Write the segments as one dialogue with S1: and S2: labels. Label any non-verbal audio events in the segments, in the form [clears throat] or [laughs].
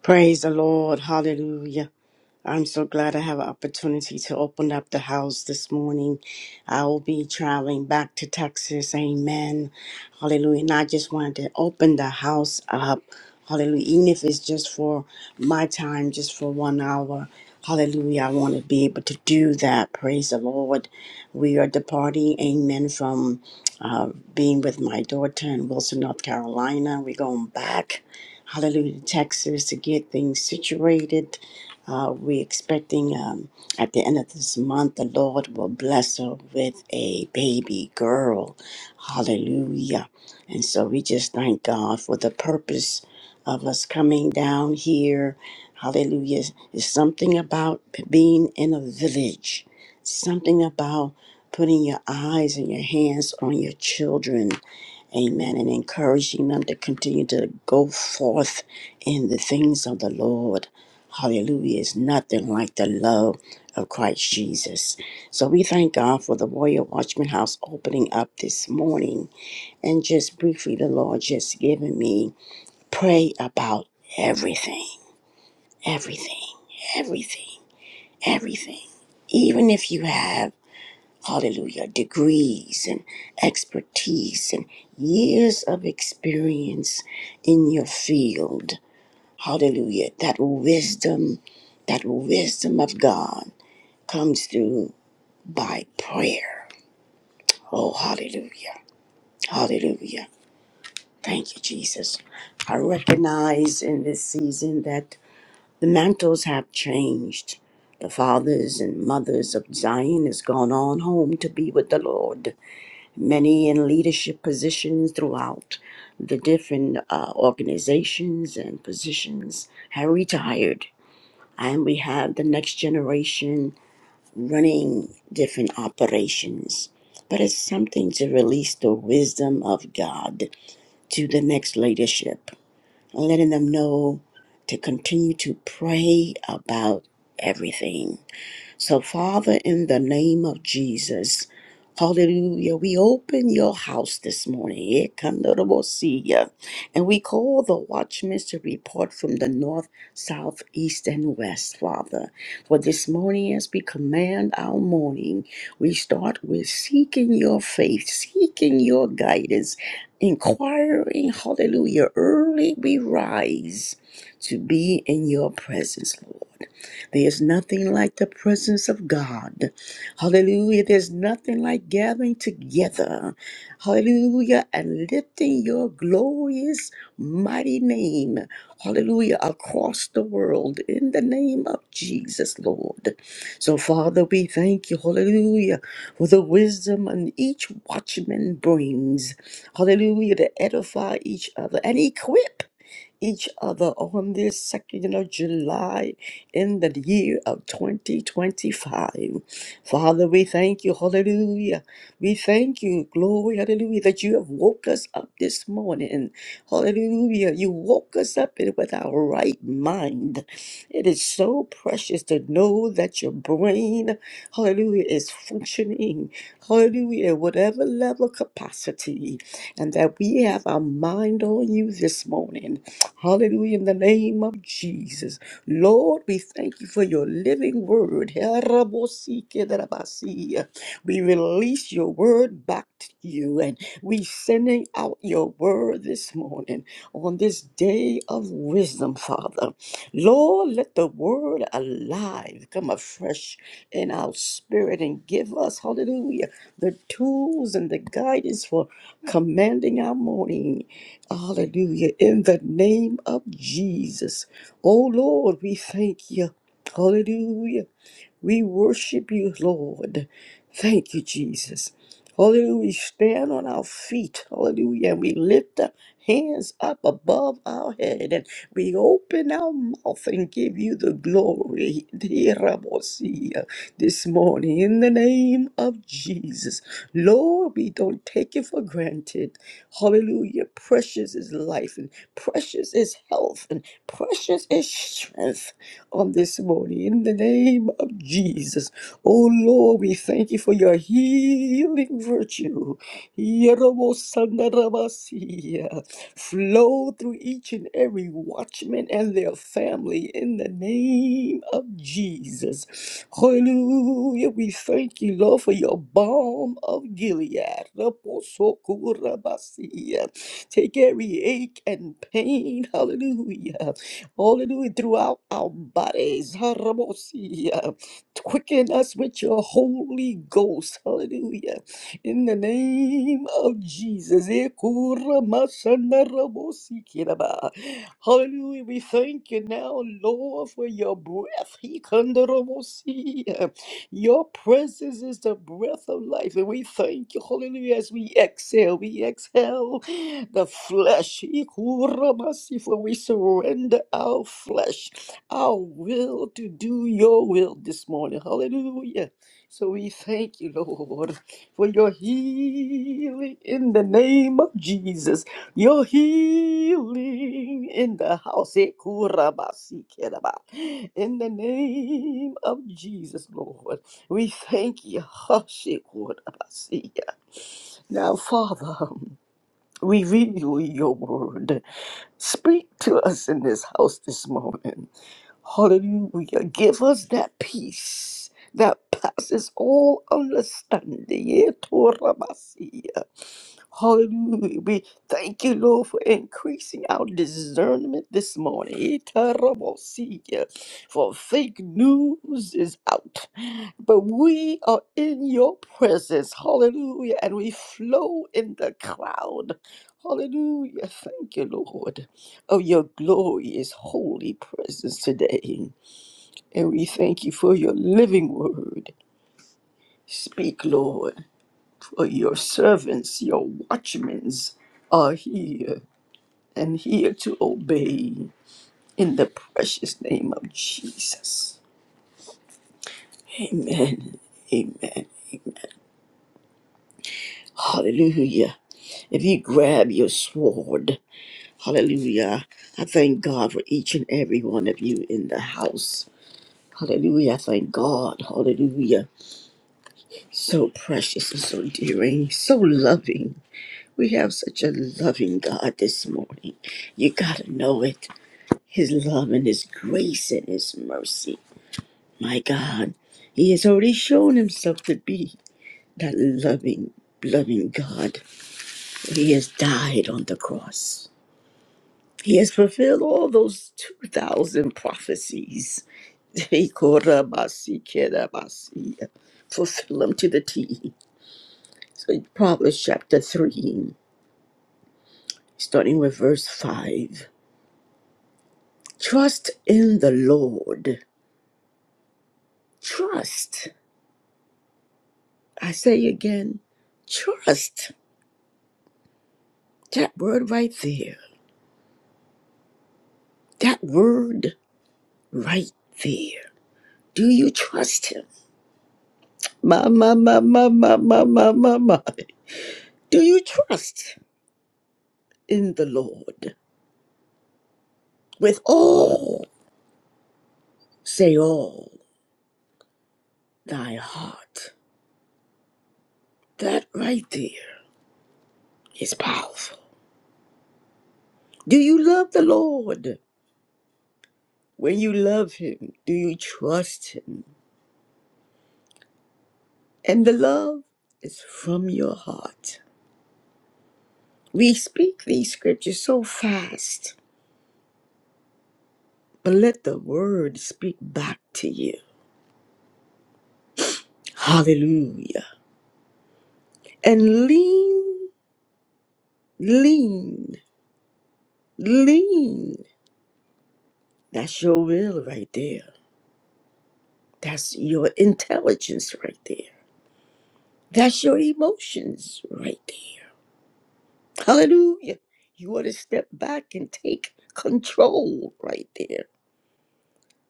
S1: Praise the Lord. Hallelujah. I'm so glad I have an opportunity to open up the house this morning. I will be traveling back to Texas. Amen. Hallelujah. And I just wanted to open the house up. Hallelujah. Even if it's just for my time, just for one hour. Hallelujah. I want to be able to do that. Praise the Lord. We are departing. Amen. From uh, being with my daughter in Wilson, North Carolina. We're going back hallelujah, Texas to get things situated. Uh, we're expecting um, at the end of this month, the Lord will bless her with a baby girl. Hallelujah. And so we just thank God for the purpose of us coming down here. Hallelujah. It's something about being in a village, something about putting your eyes and your hands on your children. Amen. And encouraging them to continue to go forth in the things of the Lord. Hallelujah. It's nothing like the love of Christ Jesus. So we thank God for the Warrior Watchman House opening up this morning. And just briefly, the Lord just giving me pray about everything, everything, everything, everything. Even if you have hallelujah, degrees and expertise and years of experience in your field. Hallelujah. That wisdom, that wisdom of God comes through by prayer. Oh, hallelujah. Hallelujah. Thank you, Jesus. I recognize in this season that the mantles have changed. The fathers and mothers of Zion has gone on home to be with the Lord. many in leadership positions throughout the different uh, organizations and positions have retired. And we have the next generation running different operations. But it's something to release the wisdom of God to the next leadership, letting them know to continue to pray about everything so, Father, in the name of Jesus, hallelujah, we open your house this morning. Eh, Kandarabosia. And we call the watchmen to report from the north, south, east, and west, Father. For this morning, as we command our morning, we start with seeking your faith, seeking your guidance, inquiring, hallelujah. Early we rise to be in your presence, Lord. There's nothing like the presence of God. Hallelujah. There's nothing like gathering together. Hallelujah. And lifting your glorious, mighty name. Hallelujah. Across the world in the name of Jesus, Lord. So, Father, we thank you. Hallelujah. For the wisdom and each watchman brings. Hallelujah. To edify each other and equip each other on this second of July in the year of 2025. Father, we thank you. Hallelujah. We thank you. Glory. Hallelujah. That you have woke us up this morning. Hallelujah. You woke us up in- with our right mind. It is so precious to know that your brain, hallelujah, is functioning. Hallelujah. at Whatever level capacity. And that we have our mind on you this morning. Hallelujah. In the name of Jesus. Lord, we thank you for your living word. We release your word back to you and we sending out your word this morning on this day of wisdom, Father. Lord, let the word alive come afresh in our spirit and give us, hallelujah, the tools and the guidance for commanding our morning Hallelujah. In the name of Jesus. Oh Lord, we thank you. Hallelujah. We worship you, Lord. Thank you, Jesus. Hallelujah. We stand on our feet. Hallelujah. And we lift up hands up above our head and we open our mouth and give you the glory. Dear Rabosia, This morning, in the name of Jesus, Lord, we don't take it for granted. Hallelujah. Precious is life and precious is health and precious is strength on this morning. In the name of Jesus. Oh Lord, we thank you for your healing virtue. Yerobosandarabasiya. Flow through each and every watchman and their family in the name of Jesus. Hallelujah. We thank you, Lord, for your balm of Gilead. Raposokurabasiya. Take every ache and pain, hallelujah. Hallelujah. Throughout our bodies. Haramosia. Quicken us with your Holy Ghost. Hallelujah. In the name of Jesus. Ekuramasandarabosikiraba. Hallelujah. We thank you now, Lord, for your breath. Hikandarabosia. Your presence is the breath of life. And we thank you, hallelujah, as we exhale. We exhale the flesh. Ikurabasi, For we surrender our flesh, our will to do your will this morning. Hallelujah. So we thank you, Lord, for your healing in the name of Jesus. Your healing in the house. Ikurabasi, keraba. In the name of Jesus, Lord, we thank you. [laughs] Hashikurabasi. Now, Father. We renew your word. Speak to us in this house this morning. Hallelujah. Give us that peace that passes all understanding. Yeah, Torah Hallelujah. We thank you, Lord, for increasing our discernment this morning. Yeah, Torah For fake news is out. But we are in your presence. Hallelujah. And we flow in the cloud. Hallelujah. Thank you, Lord, of your glorious holy presence today. And we thank you for your living word. Speak, Lord, for your servants, your watchmen are here and here to obey in the precious name of Jesus. Amen. Amen. Hallelujah. If you grab your sword, hallelujah. I thank God for each and every one of you in the house. Hallelujah. Thank God. Hallelujah. So precious and so dearing, so loving. We have such a loving God this morning. You got to know it. His love and His grace and His mercy. My God, He has already shown Himself to be that loving, loving God. He has died on the cross. He has fulfilled all those 2,000 prophecies. [laughs] Fulfill them to the T. So, Proverbs chapter 3, starting with verse 5. Trust in the Lord. Trust. I say again, trust. That word right there. That word right there. Do you trust him? Ma, ma, ma, ma, ma, ma, ma, ma, ma. Do you trust? in the Lord with all, say all, thy heart. That right there is powerful. Do you love the Lord? When you love Him, do you trust Him? And the love is from your heart. We speak these scriptures so fast, but let the word speak back to you. Hallelujah. And lean, lean, lean. That's your will right there That's your intelligence right there. That's your emotions right there. Hallelujah. You want to step back and take control right there.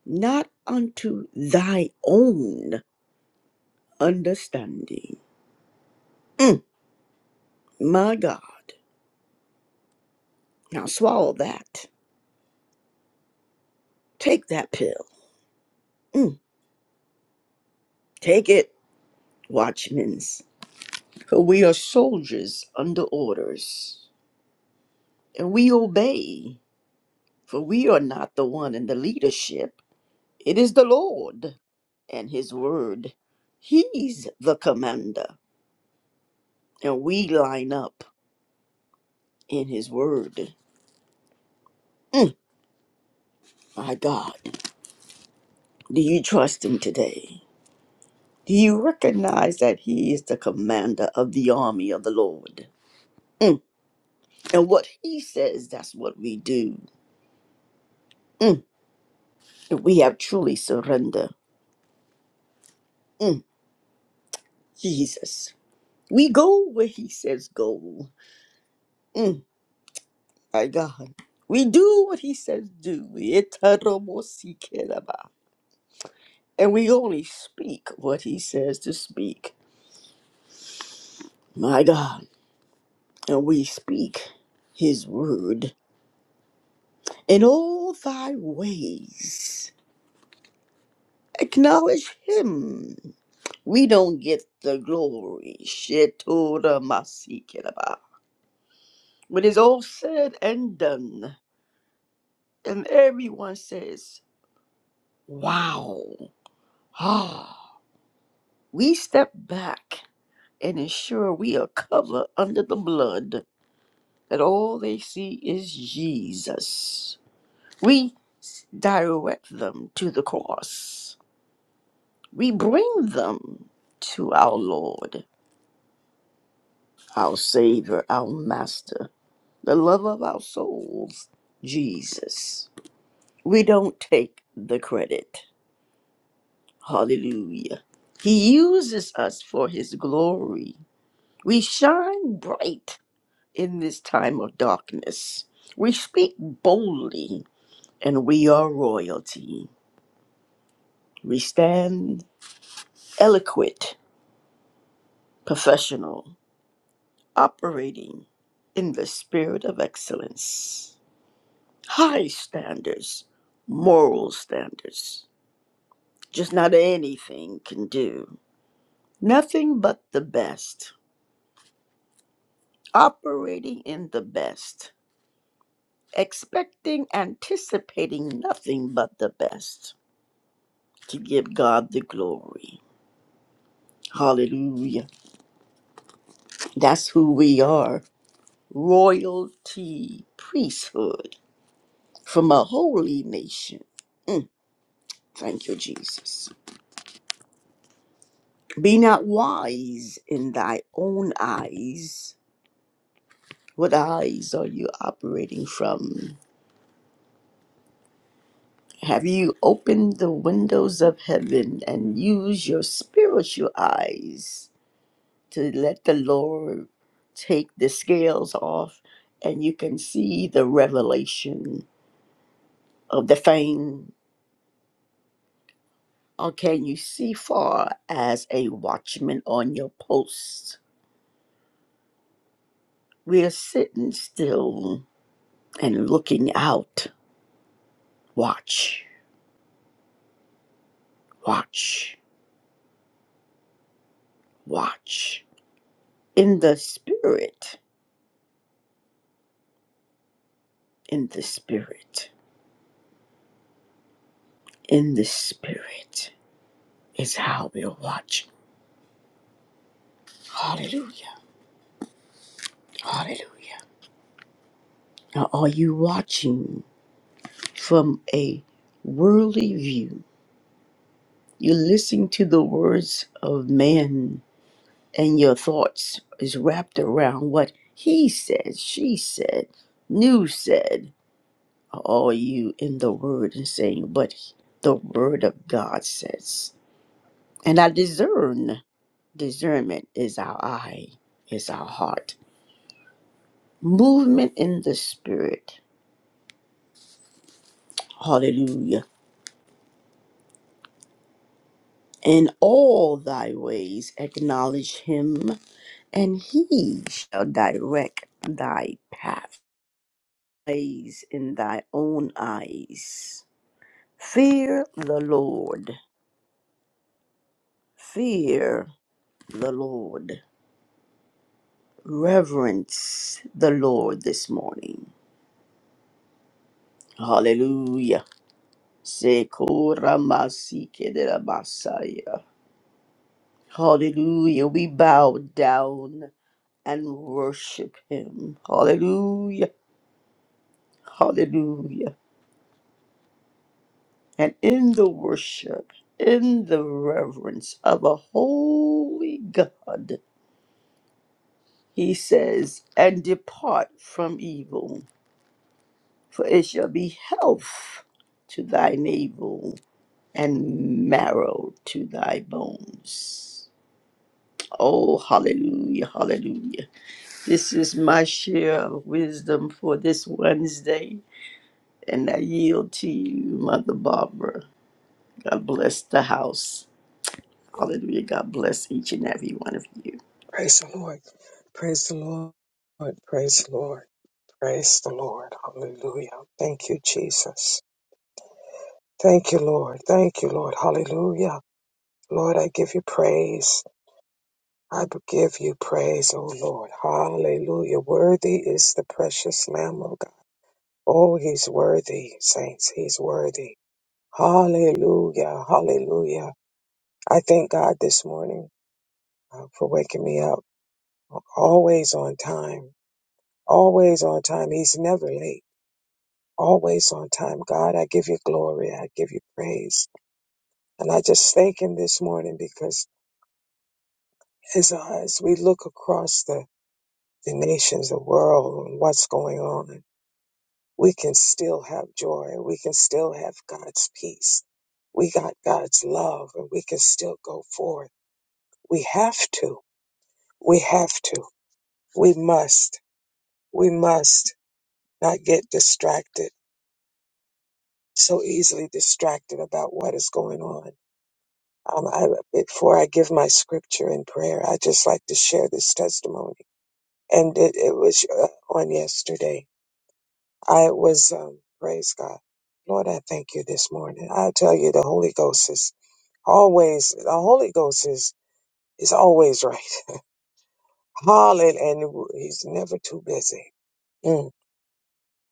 S1: Not unto thy own understanding. Mm, my God. Now swallow that. Take that pill. Mm, take it, watchmen. For we are soldiers under orders, and we obey. For we are not the one in the leadership. It is the Lord and His Word. He's the commander, and we line up in His Word. Mm, my God, do you trust Him today? Do you recognize that He is the commander of the army of the Lord? Mm, and what He says, that's what we do. Mm, and we have truly surrendered. Mm, Jesus. We go where He says go. Mm, My God. We do what he says do. Itaromosikiraba. And we only speak what he says to speak. My God. And we speak his word. In all thy ways, acknowledge him. We don't get the glory. Shetoramasikeraba. When it's all said and done, and everyone says, Wow. Ah. We step back and ensure we are covered under the blood, that all they see is Jesus. We direct them to the cross. We bring them to our Lord, our Savior, our Master, the love of our souls, Jesus. We don't take the credit. Hallelujah. He uses us for His glory. We shine bright in this time of darkness. We speak boldly, and we are royalty. We stand eloquent, professional, operating in the spirit of excellence. High standards, moral standards, just not anything can do. Nothing but the best, operating in the best, expecting, anticipating nothing but the best to give God the glory. Hallelujah. That's who we are royalty, priesthood from a holy nation. Mm, thank you, Jesus. Be not wise in thy own eyes. What eyes are you operating from? Have you opened the windows of heaven and used your spiritual eyes to let the Lord take the scales off and you can see the revelation? of the fame, or can you see far as a watchman on your post? We're sitting still and looking out. Watch, watch, watch. In the spirit, in the spirit, in the spirit is how we're watching. Hallelujah, hallelujah. Now, are you watching from a worldly view? You listen to the words of man and your thoughts is wrapped around what he said, she said, news said, are all you in the word and saying, but the word of God says. And I discern, discernment is our eye, is our heart. Movement in the spirit. Hallelujah. In all thy ways acknowledge him, and he shall direct thy path. Eyes in thy own eyes Fear the Lord. Fear the Lord. Reverence the Lord this morning. Hallelujah. Sekora masike de la masaya. Hallelujah. We bow down and worship him. Hallelujah. Hallelujah. And in the worship, in the reverence of a holy God, he says, and depart from evil. for it shall be health to thy navel and marrow to thy bones. Oh, hallelujah, hallelujah. This is my share of wisdom for this Wednesday, and I yield to you, Mother Barbara. God bless the house. Hallelujah. God bless each and every one of you.
S2: Praise the Lord. Praise the Lord. Praise the Lord. Praise the Lord. Hallelujah. Thank you, Jesus. Thank you, Lord. Thank you, Lord. Hallelujah. Lord, I give you praise. I give you praise, O Lord. Hallelujah. Worthy is the precious Lamb of God. Oh, he's worthy, saints. He's worthy. Hallelujah. Hallelujah. I thank God this morning uh, for waking me up always on time. Always on time. He's never late. always on time. God, I give you glory. I give you praise. And I just thank him this morning because as, as we look across the, the nations, the world, and what's going on, we can still have joy. We can still have God's peace. We got God's love and we can still go forth. We have to. We have to. We must. We must not get distracted, so easily distracted about what is going on Um, I, before I give my scripture in prayer, I just like to share this testimony. And it, it was uh, on yesterday. I was, um, praise God. Lord, I thank you this morning. I tell you, the Holy Ghost is always, the Holy Ghost is, is always right. [laughs] Hallelujah. And he's never too busy. Mm.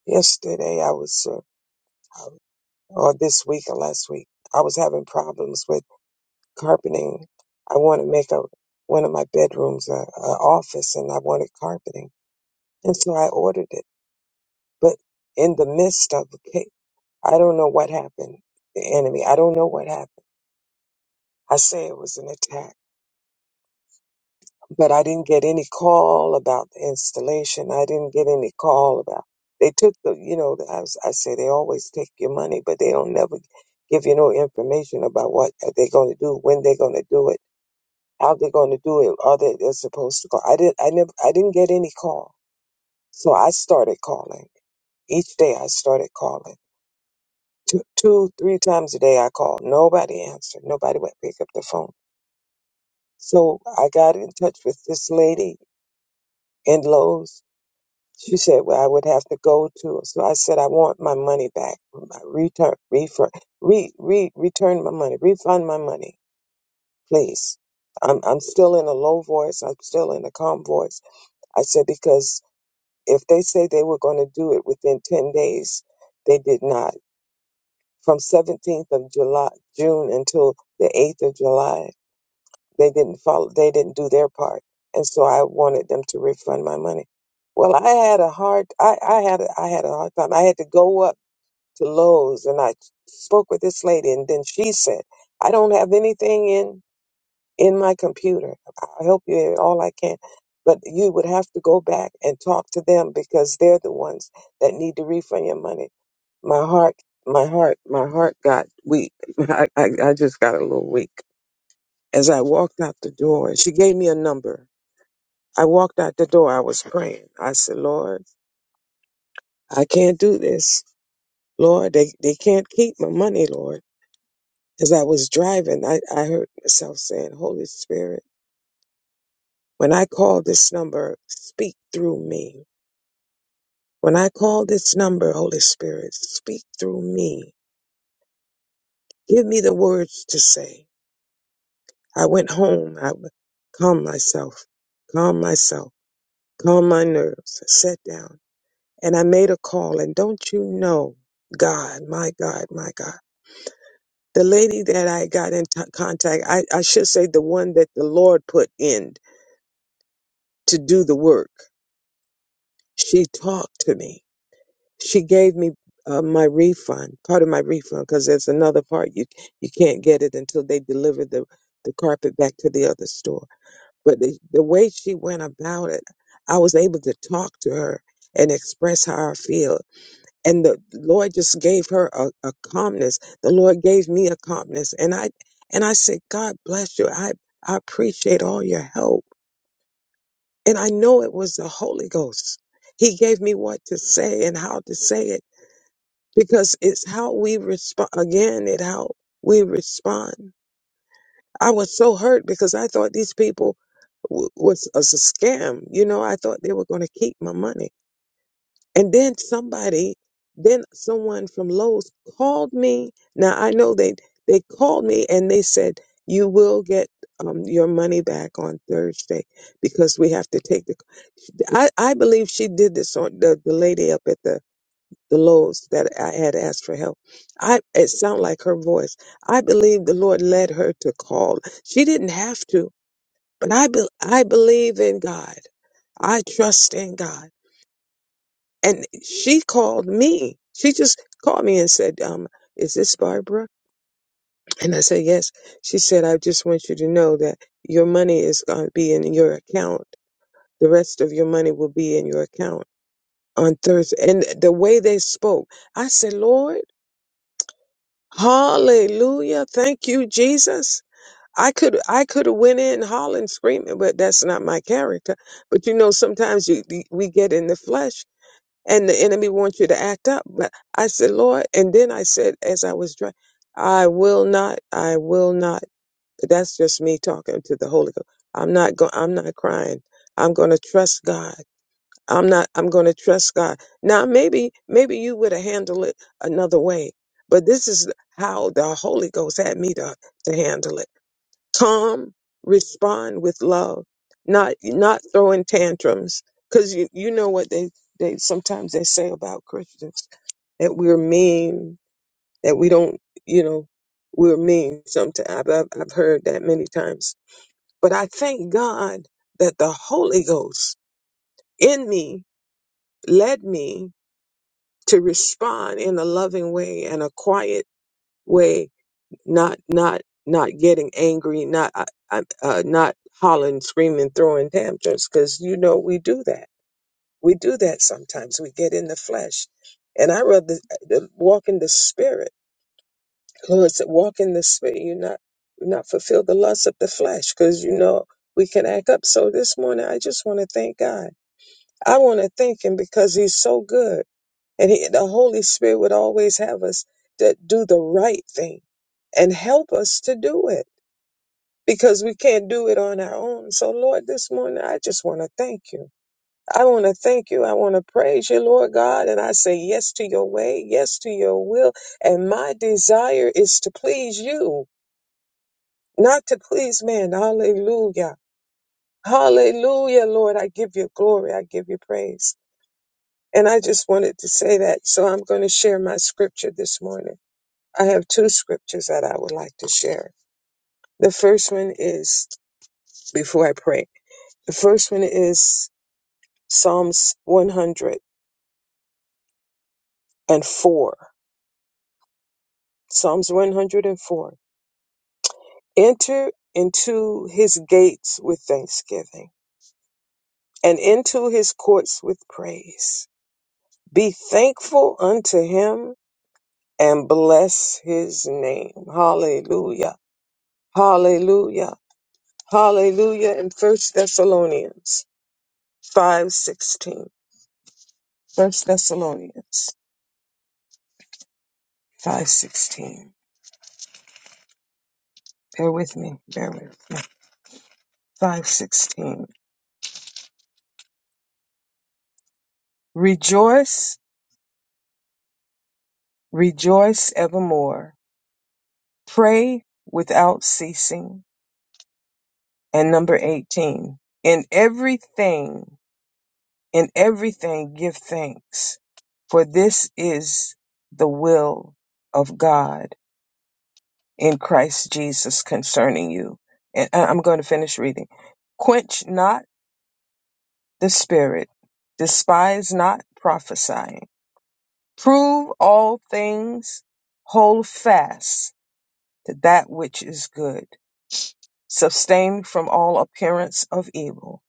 S2: Yesterday I was, uh, I- or this week or last week, I was having problems with carpeting. I want to make a one of my bedrooms a, a office, and I wanted carpeting, and so I ordered it. But in the midst of the case, I don't know what happened. The enemy. I don't know what happened. I say it was an attack, but I didn't get any call about the installation. I didn't get any call about. They took the, you know, I, was, I say they always take your money, but they don't never give you no information about what they're going to do, when they're going to do it how they going to do it. Are they they're supposed to call? I didn't. I never. I didn't get any call. So I started calling each day. I started calling two, two, three times a day. I called. Nobody answered. Nobody would pick up the phone. So I got in touch with this lady in Lowe's. She said well, I would have to go to. So I said I want my money back. My return, refund, re, re, return my money, refund my money, please. I'm I'm still in a low voice. I'm still in a calm voice. I said because if they say they were going to do it within 10 days, they did not. From 17th of July, June until the 8th of July, they didn't follow, they didn't do their part. And so I wanted them to refund my money. Well, I had a hard, I, I had, a, I had a hard time. I had to go up to Lowe's and I spoke with this lady and then she said, I don't have anything in in my computer. I'll help you in all I can. But you would have to go back and talk to them because they're the ones that need to refund your money. My heart, my heart, my heart got weak. [laughs] I, I, I just got a little weak. As I walked out the door, she gave me a number. I walked out the door. I was praying. I said, Lord, I can't do this. Lord, they, they can't keep my money, Lord. As I was driving, I, I heard myself saying, Holy Spirit. When I call this number, speak through me. When I call this number, Holy Spirit, speak through me. Give me the words to say. I went home. I w- calmed myself, calm myself, calm my nerves, I sat down, and I made a call. And don't you know, God, my God, my God. The lady that I got in t- contact, I, I should say the one that the Lord put in to do the work, she talked to me she gave me uh, my refund, part of my refund, because there's another part you you can't get it until they deliver the the carpet back to the other store. But the the way she went about it, I was able to talk to her and express how I feel, and the Lord just gave her a, a calmness. The Lord gave me a calmness, and I and I said, God bless you. I I appreciate all your help, and I know it was the Holy Ghost. He gave me what to say and how to say it because it's how we respond again it how we respond i was so hurt because i thought these people w- was, was a scam you know i thought they were going to keep my money and then somebody then someone from lowes called me now i know they they called me and they said you will get um, your money back on thursday because we have to take the i, I believe she did this on the, the lady up at the the loaves that I had asked for help. I it sounded like her voice. I believe the Lord led her to call. She didn't have to, but I be, I believe in God. I trust in God. And she called me. She just called me and said, um, is this Barbara? And I said, yes. She said, I just want you to know that your money is going to be in your account. The rest of your money will be in your account on Thursday. And the way they spoke, I said, Lord, Hallelujah. Thank you, Jesus. I could I could have went in hollering, screaming, but that's not my character. But you know, sometimes you we get in the flesh and the enemy wants you to act up. But I said, Lord, and then I said as I was driving, I will not, I will not. That's just me talking to the Holy Ghost. I'm not going I'm not crying. I'm gonna trust God. I'm not, I'm going to trust God. Now, maybe, maybe you would have handled it another way, but this is how the Holy Ghost had me to, to handle it. Calm, respond with love, not, not throwing tantrums. Cause you, you know what they, they, sometimes they say about Christians that we're mean, that we don't, you know, we're mean sometimes. I've, I've I've heard that many times, but I thank God that the Holy Ghost in me led me to respond in a loving way and a quiet way, not not not getting angry, not uh, uh, uh, not hollering, screaming, throwing tantrums, because you know we do that. We do that sometimes. We get in the flesh, and I rather uh, walk in the spirit. [laughs] Lord said, "Walk in the spirit. You not you not fulfill the lust of the flesh, because you know we can act up." So this morning, I just want to thank God. I want to thank Him because He's so good. And he, the Holy Spirit would always have us to do the right thing and help us to do it because we can't do it on our own. So, Lord, this morning, I just want to thank you. I want to thank you. I want to praise you, Lord God. And I say yes to your way, yes to your will. And my desire is to please you, not to please man. Hallelujah. Hallelujah, Lord. I give you glory. I give you praise. And I just wanted to say that. So I'm going to share my scripture this morning. I have two scriptures that I would like to share. The first one is, before I pray, the first one is Psalms 104. Psalms 104. Enter into his gates with thanksgiving and into his courts with praise. Be thankful unto him and bless his name. Hallelujah. Hallelujah. Hallelujah. In First Thessalonians 5:16. First Thessalonians five sixteen. Bear with me. Bear with me. Five sixteen. Rejoice, rejoice evermore. Pray without ceasing. And number eighteen. In everything, in everything, give thanks, for this is the will of God in Christ Jesus concerning you. And I- I'm going to finish reading. Quench not the Spirit. Despise not prophesying. Prove all things. Hold fast to that which is good. Sustain from all appearance of evil.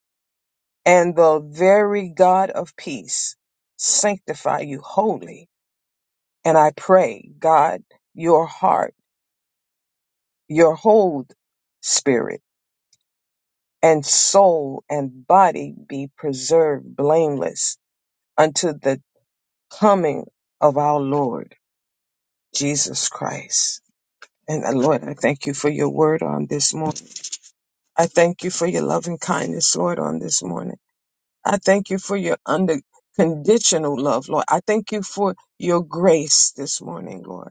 S2: And the very God of peace sanctify you wholly. And I pray, God, your heart, your whole spirit, and soul and body be preserved blameless unto the coming of our Lord. Jesus Christ. And uh, Lord, I thank you for your word on this morning. I thank you for your loving kindness, Lord, on this morning. I thank you for your unconditional love, Lord. I thank you for your grace this morning, Lord,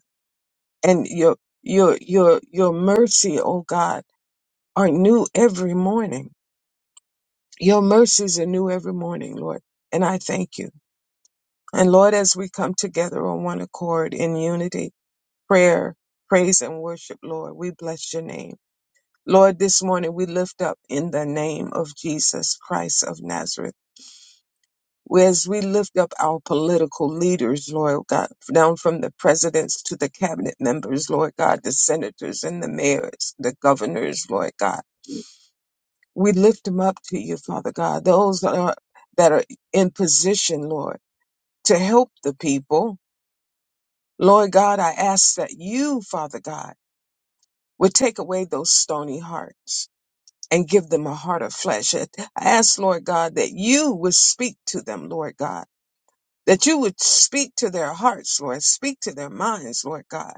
S2: and your your your your mercy, oh God, are new every morning. Your mercies are new every morning, Lord, and I thank you. And Lord, as we come together on one accord in unity, prayer, praise, and worship, Lord, we bless your name. Lord, this morning we lift up in the name of Jesus Christ of Nazareth. We- As we lift up our political leaders, Lord God, down from the presidents to the cabinet members, Lord God, the senators and the mayors, the governors, Lord God. We lift them up to you, Father God, those that are, that are in position, Lord, to help the people. Lord God, I ask that you, Father God, would take away those stony hearts and give them a heart of flesh. I ask, Lord God, that you would speak to them, Lord God, that you would speak to their hearts, Lord, speak to their minds, Lord God.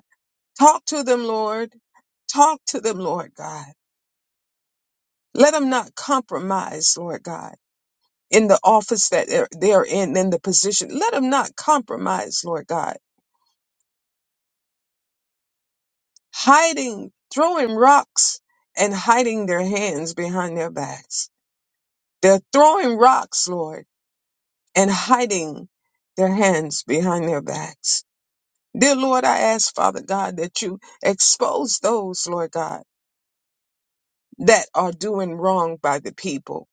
S2: Talk to them, Lord. Talk to them, Lord God. Let them not compromise, Lord God, in the office that they're, they're in, in the position. Let them not compromise, Lord God, hiding, throwing rocks and hiding their hands behind their backs. They're throwing rocks, Lord and hiding their hands behind their backs. Dear Lord, I ask, Father God, that you expose those, Lord God, that are doing wrong by the people.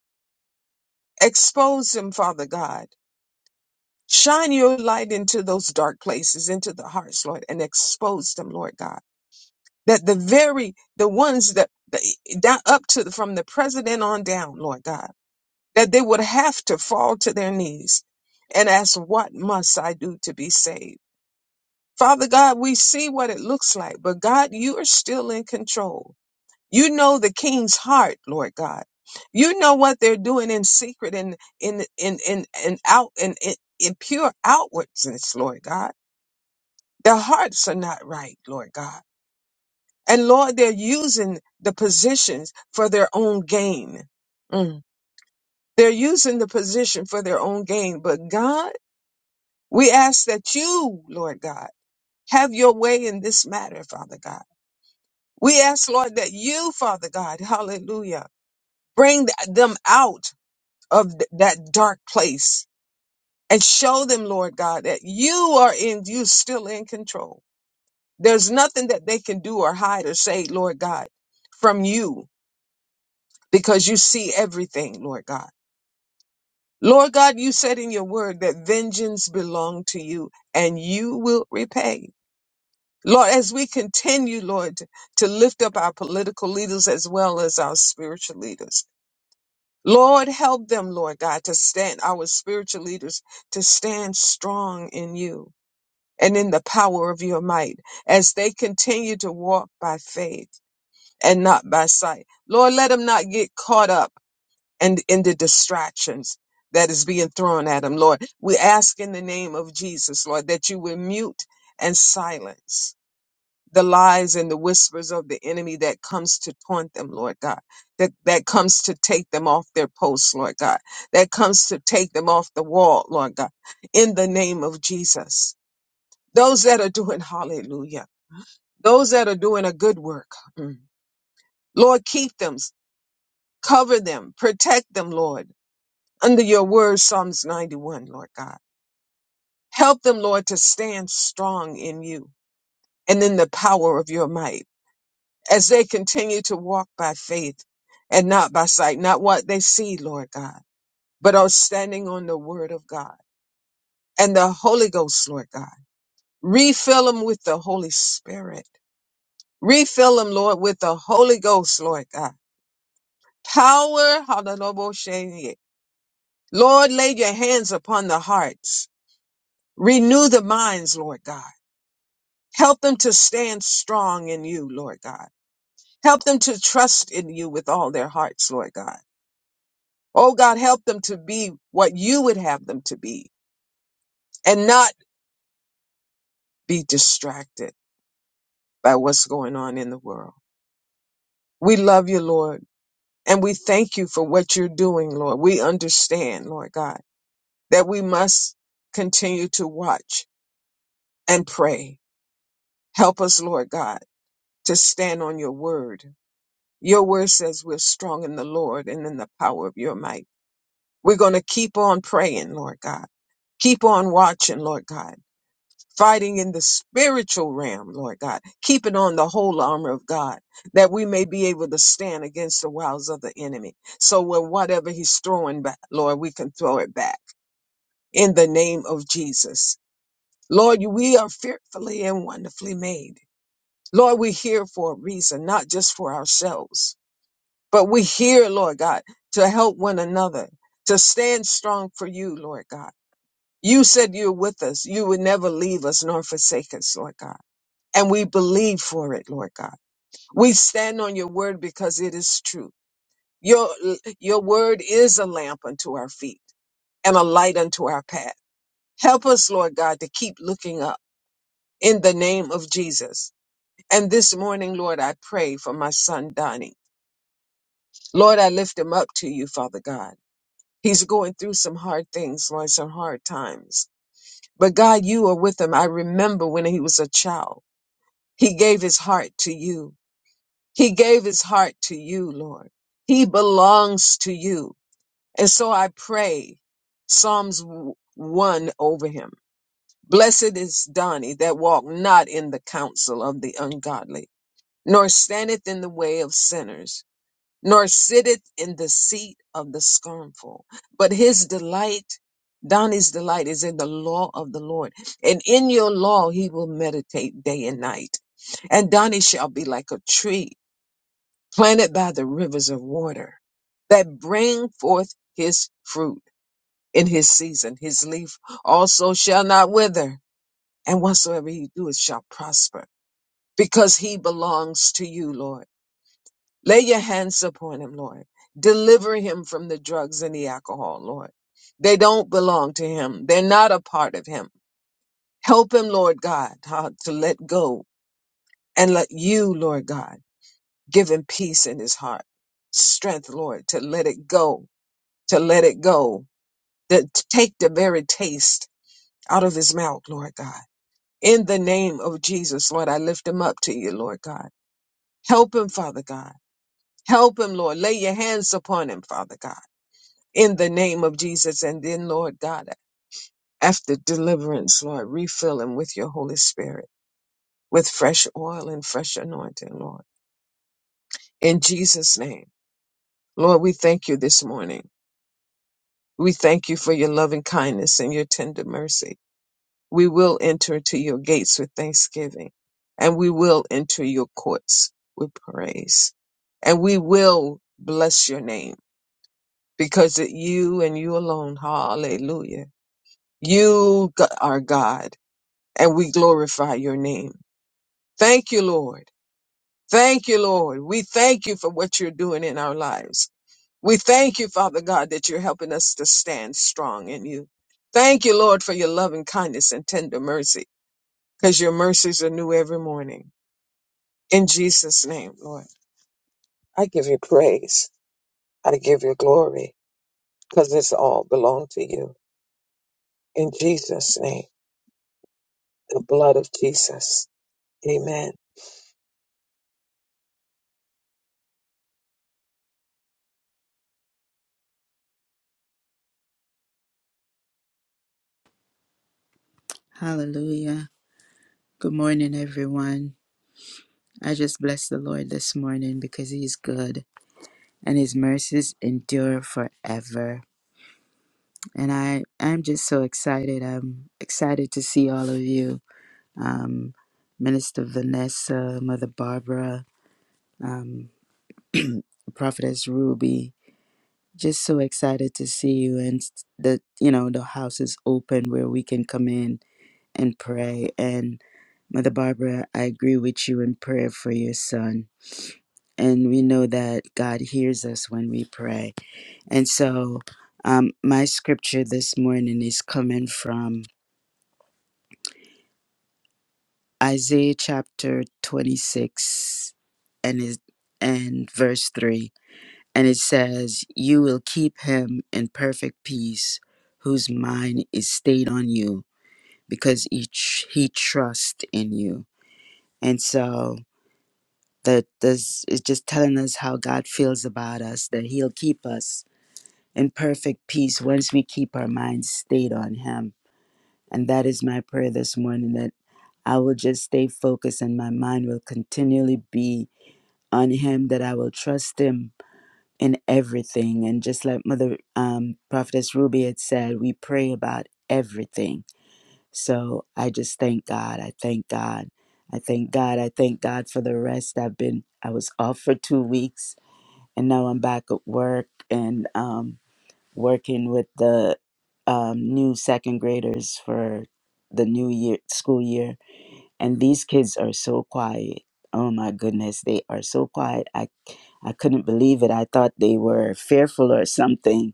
S2: Expose them, Father God. Shine your light into those dark places, into the hearts, Lord, and expose them, Lord God. That the very, the ones that, the, down, up to, the- from the president on down, Lord God, that they would have to fall to their knees and ask, what must I do to be saved? Father God, we see what it looks like, but God, you are still in control. You know the king's heart, Lord God. You know what they're doing in secret and in in in and out and in, in pure outwardness, Lord God. Their hearts are not right, Lord God. And Lord, they're using the positions for their own gain. Mm. They're using the position for their own gain. But God, we ask that you, Lord God, have your way in this matter, Father God. We ask, Lord, that you, Father God, hallelujah, bring th- them out of th- that dark place and show them, Lord God, that you are in, you still in control. There's nothing that they can do or hide or say, Lord God, from you because you see everything, Lord God. Lord God, you said in your word that vengeance belong to you and you will repay. Lord, as we continue, Lord, to lift up our political leaders as well as our spiritual leaders. Lord, help them, Lord God, to stand, our spiritual leaders, to stand strong in you and in the power of your might as they continue to walk by faith and not by sight. Lord, let them not get caught up and in, in the distractions that is being thrown at them, Lord. We ask in the name of Jesus, Lord, that you would mute and silence the lies and the whispers of the enemy that comes to taunt them, Lord God, that, that comes to take them off their posts, Lord God, that comes to take them off the wall, Lord God, in the name of Jesus. Those that are doing [laughs] hallelujah, those that are doing a good work, mm, Lord, keep them, cover them, protect them, Lord, under your word, Psalms 91, Lord God. Help them, Lord, to stand strong in you and in the power of your might. as they continue to walk by faith and not by sight, not what they see, Lord God, but are standing on the word of God and the Holy Ghost, Lord God. Refill them with the Holy Spirit. Refill them, Lord, with the Holy Ghost, Lord God. Power, hallelujah. Lord, lay your hands upon the hearts. Renew the minds, Lord God. Help them to stand strong in you, Lord God. Help them to trust in you with all their hearts, Lord God Oh God, help them to be what you would have them to be and not be distracted by what's going on in the world. We love you, Lord, and we thank you for what you're doing, Lord. We understand, Lord God, that we must continue to watch and pray. Help us, Lord God, to stand on your word. Your word says we're strong in the Lord and in the power of your might. We're going to keep on praying, Lord God. Keep on watching, Lord God fighting in the spiritual realm, Lord God, keeping on the whole armor of God, that we may be able to stand against the wiles of the enemy. So when whatever he's throwing back, Lord, we can throw it back in the name of Jesus. Lord, you- we are fearfully and wonderfully made. Lord, we're here for a reason, not just for ourselves, but we're here, Lord God, to help one another, to stand strong for you, Lord God. You said you're with us. You would never leave us nor forsake us, Lord God and we believe for it, Lord God. We stand on your word because it is true. Your, your word is a lamp unto our feet and a light unto our path. Help us, Lord God, to keep looking up in the name of Jesus. And this morning, Lord, I pray for my son, Donnie. Lord, I lift him up to you, Father God. He's going through some hard things, Lord, some hard times. But God, you are with him. I remember when he was a child, he gave his heart to you. He gave his heart to you, Lord. He belongs to you. And so I pray Psalms w- 1 over him. Blessed is Donnie that walk not in the counsel of the ungodly, nor standeth in the way of sinners, nor sitteth in the seat of the scornful. But his delight, Donnie's delight is in the law of the Lord. And in your law he will meditate day and night. And Donnie shall be like a tree planted by the rivers of water that bring forth his fruit in his season. His leaf also shall not wither, and whatsoever he doeth shall prosper, because he belongs to you, Lord. Lay your hands upon him, Lord. Deliver him from the drugs and the alcohol, Lord. They don't belong to him. They're not a part of him. Help him, Lord God, how to let go and let you, Lord God, give him peace in his heart, strength, Lord, to let it go to let it go, to to take the very taste out of his mouth, Lord God. In the name of Jesus, Lord, I lift him up to you, Lord God. Help him, Father God. Help him, Lord. Lay your hands upon him, Father God. In the name of Jesus. And then, Lord God, after deliverance, Lord, refill him with your Holy Spirit, with fresh oil and fresh anointing, Lord. In Jesus' name. Lord, we thank you this morning. We thank you for your loving kindness and your tender mercy. we will enter to your gates with thanksgiving and we will enter your courts with praise and we will bless your name because it you and you alone hallelujah you g- are god and we glorify your name thank you lord thank you lord we thank you for what you're doing in our lives we thank you father god that you're helping us to stand strong in you thank you lord for your loving kindness and tender mercies because your mercies are new every morning. In Jesus' name, Lord, I give you praise. I give you glory because it's all belong to you. In Jesus' name, the blood of Jesus. Amen.
S3: Hallelujah. Good morning, everyone. I just bless the Lord this morning because He's good and His mercies endure forever. And I am just so excited. I'm excited to see all of you, um, Minister Vanessa, Mother Barbara, um, Prophetess Ruby. Just so excited to see you, and s- the you know the house is open where we can come in and pray. And Mother Barbara, I agree with you in prayer for your son and we know that God hears us when we pray. And so, um, my scripture this morning is coming from Isaiah chapter 26 and is and verse 3. And it says, You will keep him in perfect peace, whose mind is stayed on you, because he, tr- he trusts in you. And so, that this is just telling us how God feels about us, that he'll keep us in perfect peace once we keep our minds stayed on Him. And that is my prayer this morning that I will just stay focused and my mind will continually be on Him, that I will trust Him in everything. And just like Mother um, Prophetess Ruby had said, we pray about everything. So I just thank God. I thank God. I thank God. I thank God for the rest. I've been, I was off for two weeks and now I'm back at work. And, um, working with the um, new second graders for the new year school year and these kids are so quiet oh my goodness they are so quiet i i couldn't believe it i thought they were fearful or something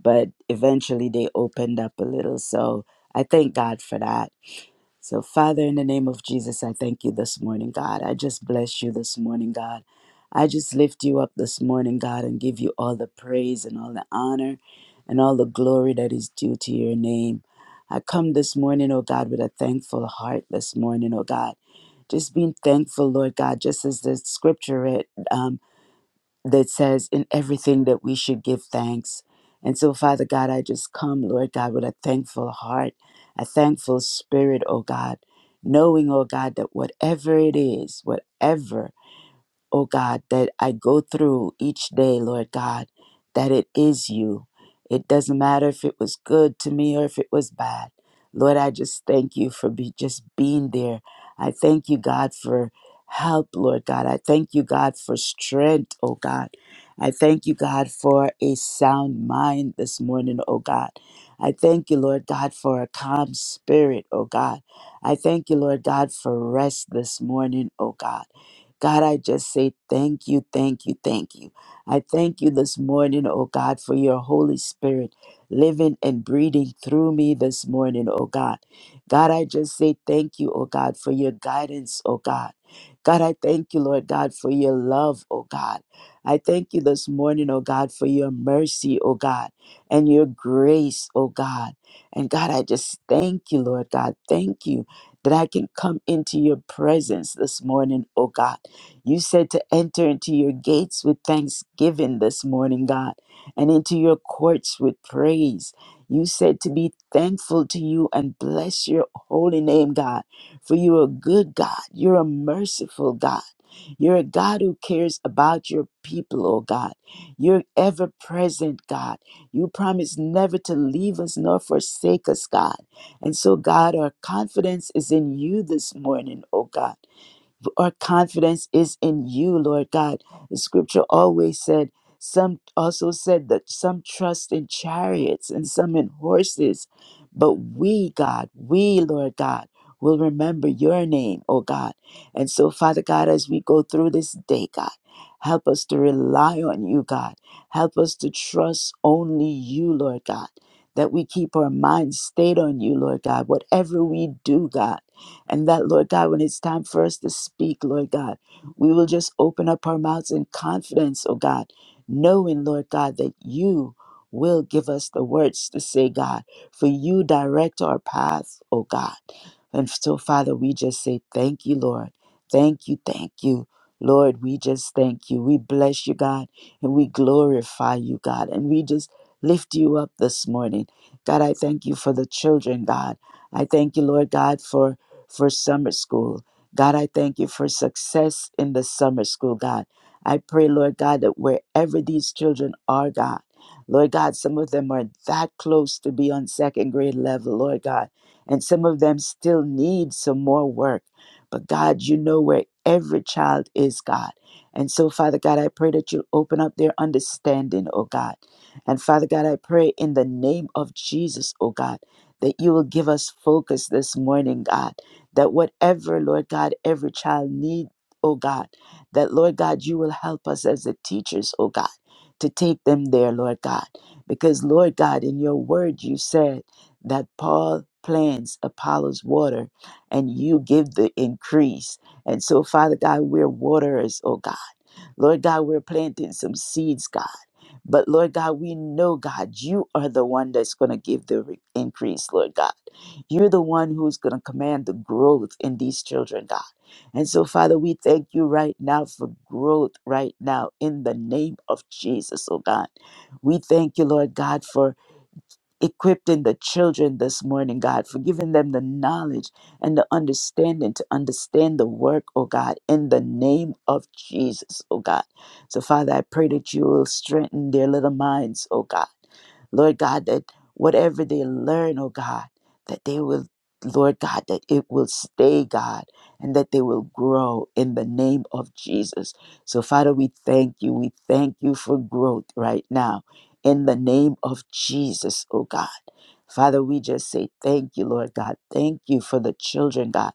S3: but eventually they opened up a little so i thank god for that so, Father, in the name of Jesus, I thank you this morning, God. I just bless you this morning, God. I just lift you up this morning, God, and give you all the praise and all the honor and all the glory that is due to your name. I come this morning, oh God, with a thankful heart this morning, oh God. Just being thankful, Lord God, just as the scripture read, um, that says, in everything that we should give thanks. And so, Father God, I just come, Lord God, with a thankful heart, a thankful spirit, oh God, knowing, oh God, that whatever it is, whatever oh God, that I go through each day, Lord God, that it is you. It doesn't matter if it was good to me or if it was bad. Lord, I just thank you for be, just being there. I thank you, God, for help, Lord God. I thank you, God, for strength, oh God. I thank you, God, for a sound mind this morning, oh God. I thank you, Lord God, for a calm spirit, oh God. I thank you, Lord God, for rest this morning, oh God. God, I just say thank you, thank you, thank you. I thank you this morning, oh God, for your Holy Spirit living and breathing through me this morning, oh God. God, I just say thank you, oh God, for your guidance, oh God. God, I thank you, Lord God, for your love, oh God. I thank you this morning, oh God, for your mercy, oh God, and your grace, oh God. And God, I just thank you, Lord God. Thank you that I can come into your presence this morning, oh God. You said to enter into your gates with thanksgiving this morning, God, and into your courts with praise. You said to be thankful to you and bless your holy name, God, for you are a good God. You're a merciful God. You're a God who cares about your people, oh God. You're ever present, God. You promise never to leave us nor forsake us, God. And so, God, our confidence is in you this morning, oh God our confidence is in you, Lord God. The scripture always said, some also said that some trust in chariots and some in horses. But we, God, we, Lord God, will remember your name, oh God. And so, Father God, as we go through this day, God, help us to rely on you, God. Help us to trust only you, Lord God. That we keep our minds stayed on you, Lord God. Whatever we do, God. And that, Lord God, when it's time for us to speak, Lord God, we will just open up our mouths in confidence, oh God, knowing, Lord God, that you will give us the words to say, God, for you direct our path, oh God. And so, Father, we just say thank you, Lord. Thank you, thank you. Lord, we just thank you. We bless you, God, and we glorify you, God, and we just lift you up this morning. God, I thank you for the children, God. I thank you, Lord God, for for summer school. God, I thank you for success in the summer school, God. I pray, Lord God, that wherever these children are, God, Lord God, some of them are that close to be on second grade level, Lord God, and some of them still need some more work. But God, you know where every child is, God. And so, Father God, I pray that you open up their understanding, oh God. And Father God, I pray in the name of Jesus, oh God, that you will give us focus this morning, God that whatever, Lord God, every child need, oh God, that Lord God, you will help us as the teachers, oh God, to take them there, Lord God. Because Lord God, in your word you said that Paul plants Apollo's water and you give the increase. And so, Father God, we're waterers, oh God. Lord God, we're planting some seeds, God. But Lord God, we know, God, you are the one that's going to give the re- increase, Lord God. You're the one who's going to command the growth in these children, God. And so, Father, we thank you right now for growth right now in the name of Jesus, oh God. We thank you, Lord God, for equipping the children this morning, God, for giving them the knowledge and the understanding to understand the work, oh God, in the name of Jesus, oh God. So, Father, I pray that you will strengthen their little minds, oh God. Lord God, that whatever they learn, oh God, that they will, Lord God, that it will stay, God, and that they will grow in the name of Jesus. So, Father, we thank you. We thank you for growth right now in the name of Jesus, oh God. Father, we just say thank you, Lord God. Thank you for the children, God.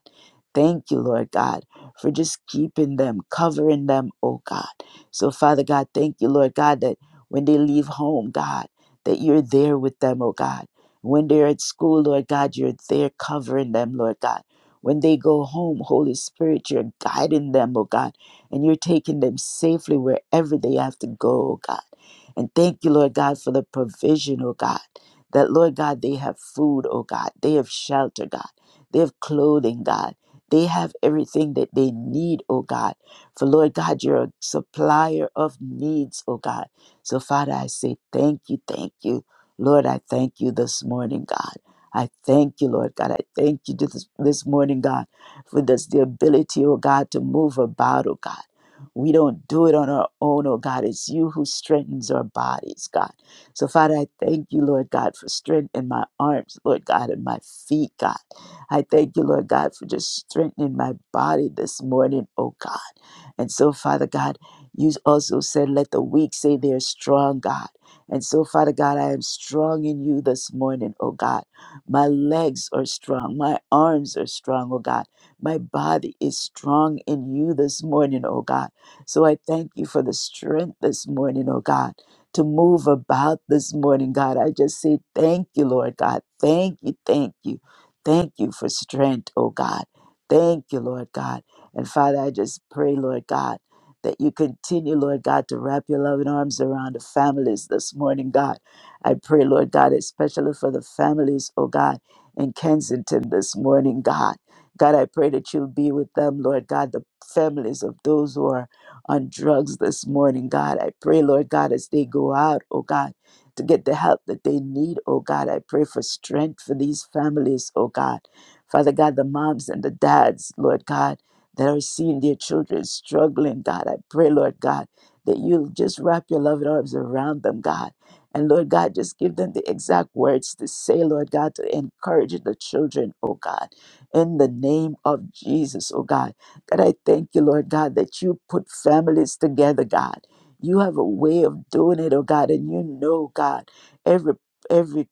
S3: Thank you, Lord God, for just keeping them, covering them, oh God. So, Father God, thank you, Lord God, that when they leave home, God, that you're there with them, oh God. When they're at school, Lord God, you're there covering them, Lord God. When they go home, Holy Spirit, you're guiding them, oh God, and you're taking them safely wherever they have to go, oh God. And thank you, Lord God, for the provision, oh God, that, Lord God, they have food, oh God, they have shelter, God, they have clothing, God. They have everything that they need, oh God. For Lord God, you're a supplier of needs, oh God. So, Father, I say thank you, thank you. Lord, I thank you this morning, God. I thank you, Lord God. I thank you this, this morning, God, for this the ability, oh God, to move about, oh God. We don't do it on our own, oh God. It's you who strengthens our bodies, God. So, Father, I thank you, Lord God, for strength in my arms, Lord God, and my feet, God. I thank you, Lord God, for just strengthening my body this morning, oh God. And so, Father God, you also said, let the weak say they're strong, God. And so, Father God, I am strong in you this morning, oh God. My legs are strong. My arms are strong, oh God. My body is strong in you this morning, oh God. So I thank you for the strength this morning, oh God, to move about this morning, God. I just say thank you, Lord God. Thank you, thank you, thank you for strength, oh God. Thank you, Lord God. And Father, I just pray, Lord God, that you continue, Lord God, to wrap your loving arms around the families this morning, God. I pray, Lord God, especially for the families, oh God, in Kensington this morning, God. God, I pray that you'll be with them, Lord God, the families of those who are on drugs this morning, God. I pray, Lord God, as they go out, oh God, to get the help that they need, oh God. I pray for strength for these families, oh God. Father God, the moms and the dads, Lord God, that are seeing their children struggling, God. I pray, Lord God, that you'll just wrap your loving arms around them, God. And Lord God, just give them the exact words to say, Lord God, to encourage the children, oh God, in the name of Jesus, oh God. God, I thank you, Lord God, that you put families together, God. You have a way of doing it, oh God, and you know, God, every every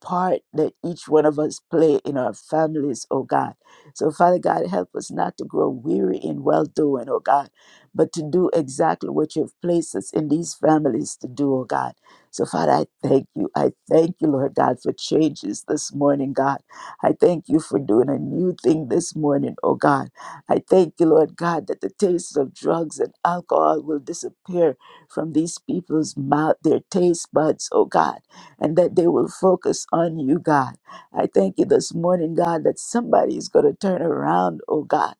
S3: part that each one of us play in our families, oh God. So, Father God, help us not to grow weary in well doing, oh God, but to do exactly what you have placed us in these families to do, oh God. So, Father, I thank you. I thank you, Lord God, for changes this morning, God. I thank you for doing a new thing this morning, oh God. I thank you, Lord God, that the taste of drugs and alcohol will disappear from these people's mouth, their taste buds, oh God and that they will focus on you, God. I thank you this morning, God, that somebody is going to turn around, oh God,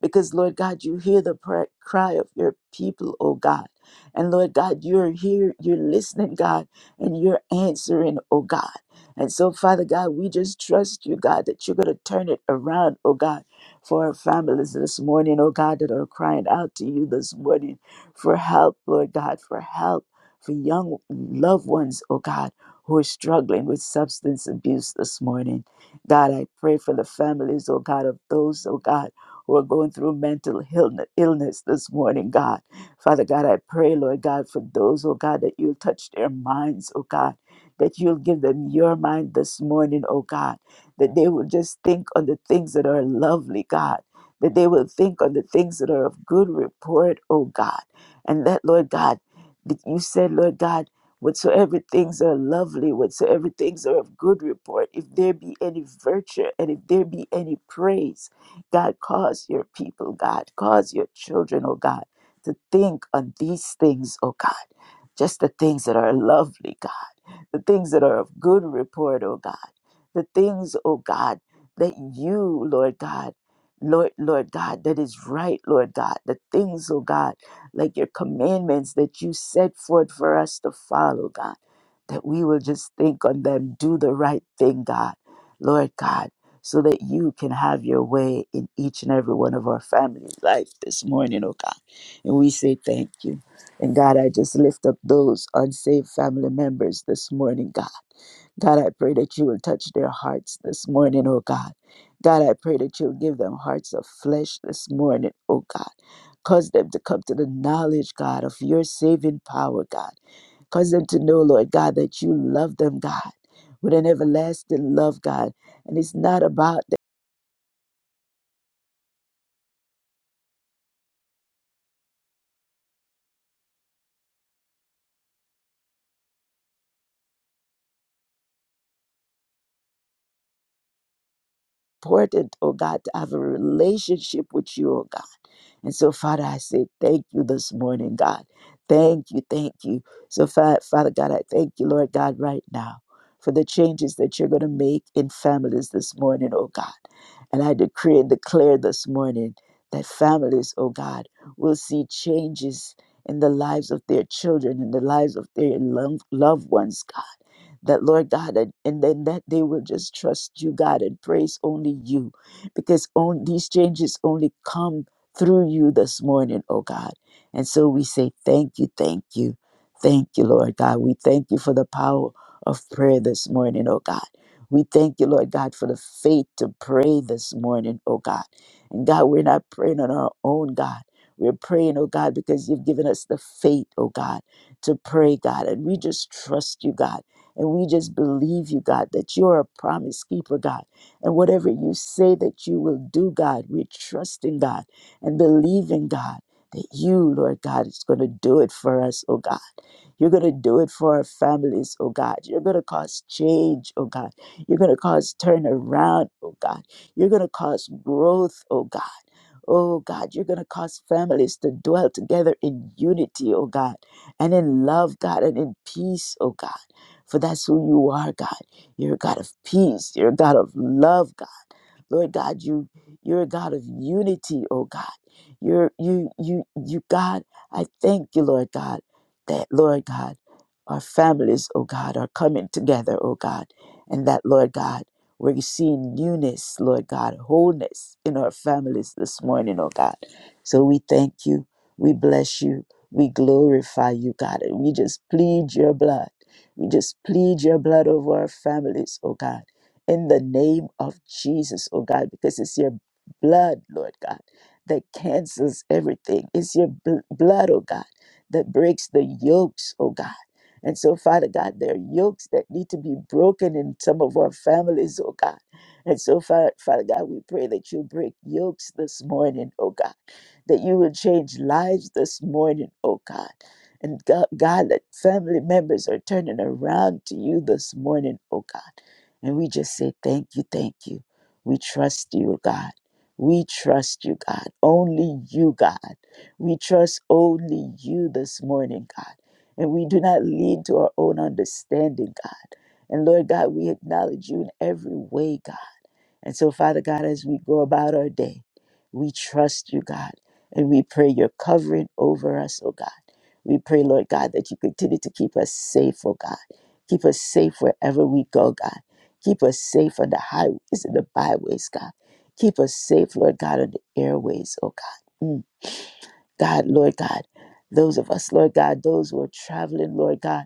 S3: because, Lord God, you hear the pra- cry of your people, oh God. And Lord God, you're here, you're listening, God, and you're answering, oh God. And so, Father God, we just trust you, God, that you're going to turn it around, oh God, for our families this morning, oh God, that are crying out to you this morning for help, Lord God, for help for young loved ones, oh God who are struggling with substance abuse this morning. God, I pray for the families, oh God, of those, oh God, who are going through mental illne- illness this morning, God. Father God, I pray, Lord God, for those, oh God, that you'll touch their minds, oh God, that you'll give them your mind this morning, oh God, that they will just think on the things that are lovely, God. That they will think on the things that are of good report, oh God. And that, Lord God, that you said, Lord God, whatsoever things are lovely, whatsoever things are of good report, if there be any virtue and if there be any praise, God, cause your people, God, cause your children, oh God, to think on these things, oh God, just the things that are lovely, God, the things that are of good report, oh God, the things, oh God, that you, Lord God, Lord, Lord God, that is right, Lord God, the things, oh God like your commandments that you set forth for us to follow, God, that we will just think on them, do the right thing, God, Lord God, so that you can have your way in each and every one of our families' life this morning, oh God. And we say thank you. And God, I just lift up those unsaved family members this morning, God. God, I pray that you will touch their hearts this morning, oh God. God, I pray that you'll give them hearts of flesh this morning, oh God. Cause them to come to the knowledge, God, of your saving power, God. Cause them to know, Lord God, that you love them, God, with an everlasting love, God. And it's not about the important, oh God, to have a relationship with you, oh God. And so, Father, I say thank you this morning, God. Thank you, thank you. So, Fa- Father God, I thank you, Lord God, right now for the changes that you're going to make in families this morning, oh God. And I decree and declare this morning that families, oh God, will see changes in the lives of their children, in the lives of their lo- loved ones, God that Lord God, and, and then that they will just trust you, God, and praise only you, because on, these changes only come through you this morning, oh God. And so we say, Thank you, thank you, thank you, Lord God. We thank you for the power of prayer this morning, oh God. We thank you, Lord God, for the faith to pray this morning, oh God. And God, we're not praying on our own, God. We're praying, oh God, because you've given us the faith, oh God, to pray, God. And we just trust you, God. And we just believe you, God, that you're a promise keeper, God. And whatever you say that you will do, God, we're trusting God and believing, God, that you, Lord God, is going to do it for us, oh God. You're going to do it for our families, oh God. You're going to cause change, oh God. You're going to cause turnaround, oh God. You're going to cause growth, oh God. Oh God, you're going to cause families to dwell together in unity, oh God, and in love, God, and in peace, oh God. For that's who you are, God. You're a God of peace. You're a God of love, God. Lord God, you you're a God of unity, oh God. You're you you you God, I thank you, Lord God, that Lord God, our families, oh God, are coming together, oh God, and that Lord God, we're seeing newness, Lord God, wholeness in our families this morning, oh God. So we thank you, we bless you, we glorify you, God, and we just plead your blood. We just plead your blood over our families, oh God in the name of Jesus, oh God, because it's your blood, Lord God, that cancels everything. It's your bl- blood, oh God, that breaks the yokes, oh God. And so, Father God, there are yokes that need to be broken in some of our families, oh God. And so, Father, Father God, we pray that you break yokes this morning, oh God, that you will change lives this morning, oh God. And God, God, that family members are turning around to you this morning, oh God and we just say, Thank you, thank you. We trust you, God. We trust you, God. Only you, God. We trust only you this morning, God. And we do not lean to our own understanding, God. And Lord God, we acknowledge you in every way, God. And so, Father God, as we go about our day, we trust you, God, and we pray your covering over us, oh God. We pray, Lord God, that you continue to keep us safe, oh God. Keep us safe wherever we go, God. Keep us safe on the highways and the byways, God. Keep us safe, Lord God, on the airways, oh God. Mm. God, Lord God, those of us, Lord God, those who are traveling, Lord God,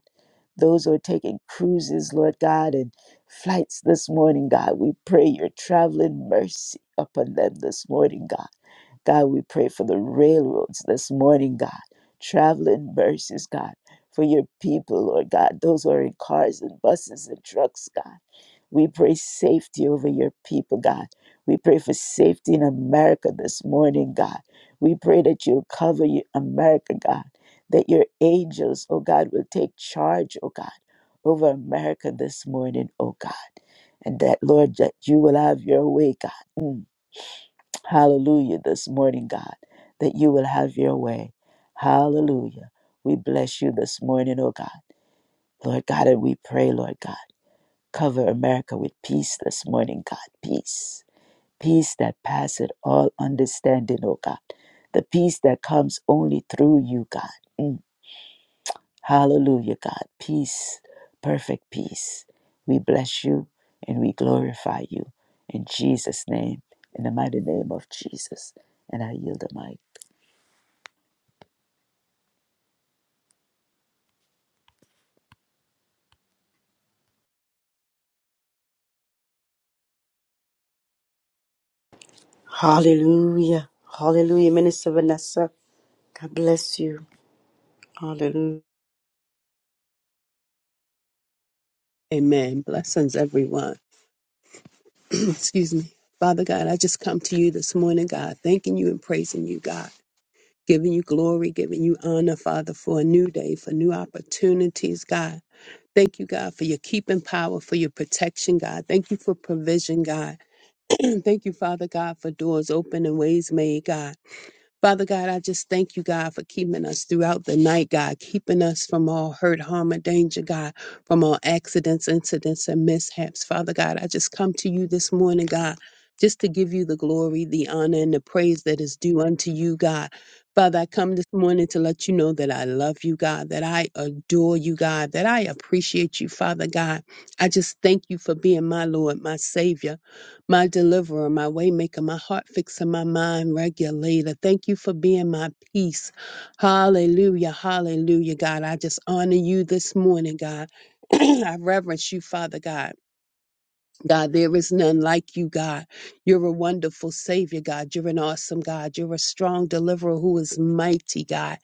S3: those who are taking cruises, Lord God, and flights this morning, God, we pray your traveling mercy upon them this morning, God. God, we pray for the railroads this morning, God, traveling mercies, God, for your people, Lord God, those who are in cars and buses and trucks, God. We pray safety over your people, God. We pray for safety in America this morning, God. We pray that you'll cover your America, God. That your angels, oh God, will take charge, oh God, over America this morning, oh God. And that, Lord, that you will have your way, God. Mm. Hallelujah this morning, God. That you will have your way. Hallelujah. We bless you this morning, oh God. Lord God, and we pray, Lord God. Cover America with peace this morning, God. Peace. Peace that passeth all understanding, oh God. The peace that comes only through you, God. Mm. Hallelujah, God. Peace. Perfect peace. We bless you and we glorify you. In Jesus' name, in the mighty name of Jesus. And I yield the mic.
S1: Hallelujah. Hallelujah, Minister Vanessa. God bless you. Hallelujah.
S4: Amen. Blessings, everyone. [clears throat] Excuse me. Father God, I just come to you this morning, God, thanking you and praising you, God, giving you glory, giving you honor, Father, for a new day, for new opportunities, God. Thank you, God, for your keeping power, for your protection, God. Thank you for provision, God. [clears throat] Thank you, Father God, for doors open and ways made, God. Father God, I just thank you, God, for keeping us throughout the night, God, keeping us from all hurt, harm, or danger, God, from all accidents, incidents, and mishaps. Father God, I just come to you this morning, God, just to give you the glory, the honor, and the praise that is due unto you, God. Father, I come this morning to let you know that I love you, God, that I adore you, God, that I appreciate you, Father God. I just thank you for being my Lord, my Savior my deliverer, my waymaker, my heart fixer, my mind regulator. Thank you for being my peace. Hallelujah, hallelujah, God. I just honor you this morning, God. [clears throat] I reverence you, Father God. God, there is none like you, God. You're a wonderful Savior, God. You're an awesome God. You're a strong deliverer who is mighty, God.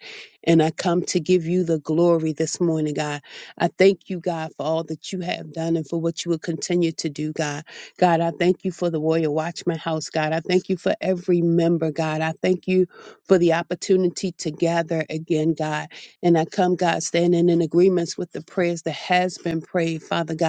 S4: And I come to give you the glory this morning, God. I thank you, God, for all that you have done and for what you will continue to do, God. God, I thank you for the Warrior Watchman House, God. I thank you for every member, God. I thank you for the opportunity to gather again, God. And I come, God, standing in agreements with the prayers that has been prayed, Father God.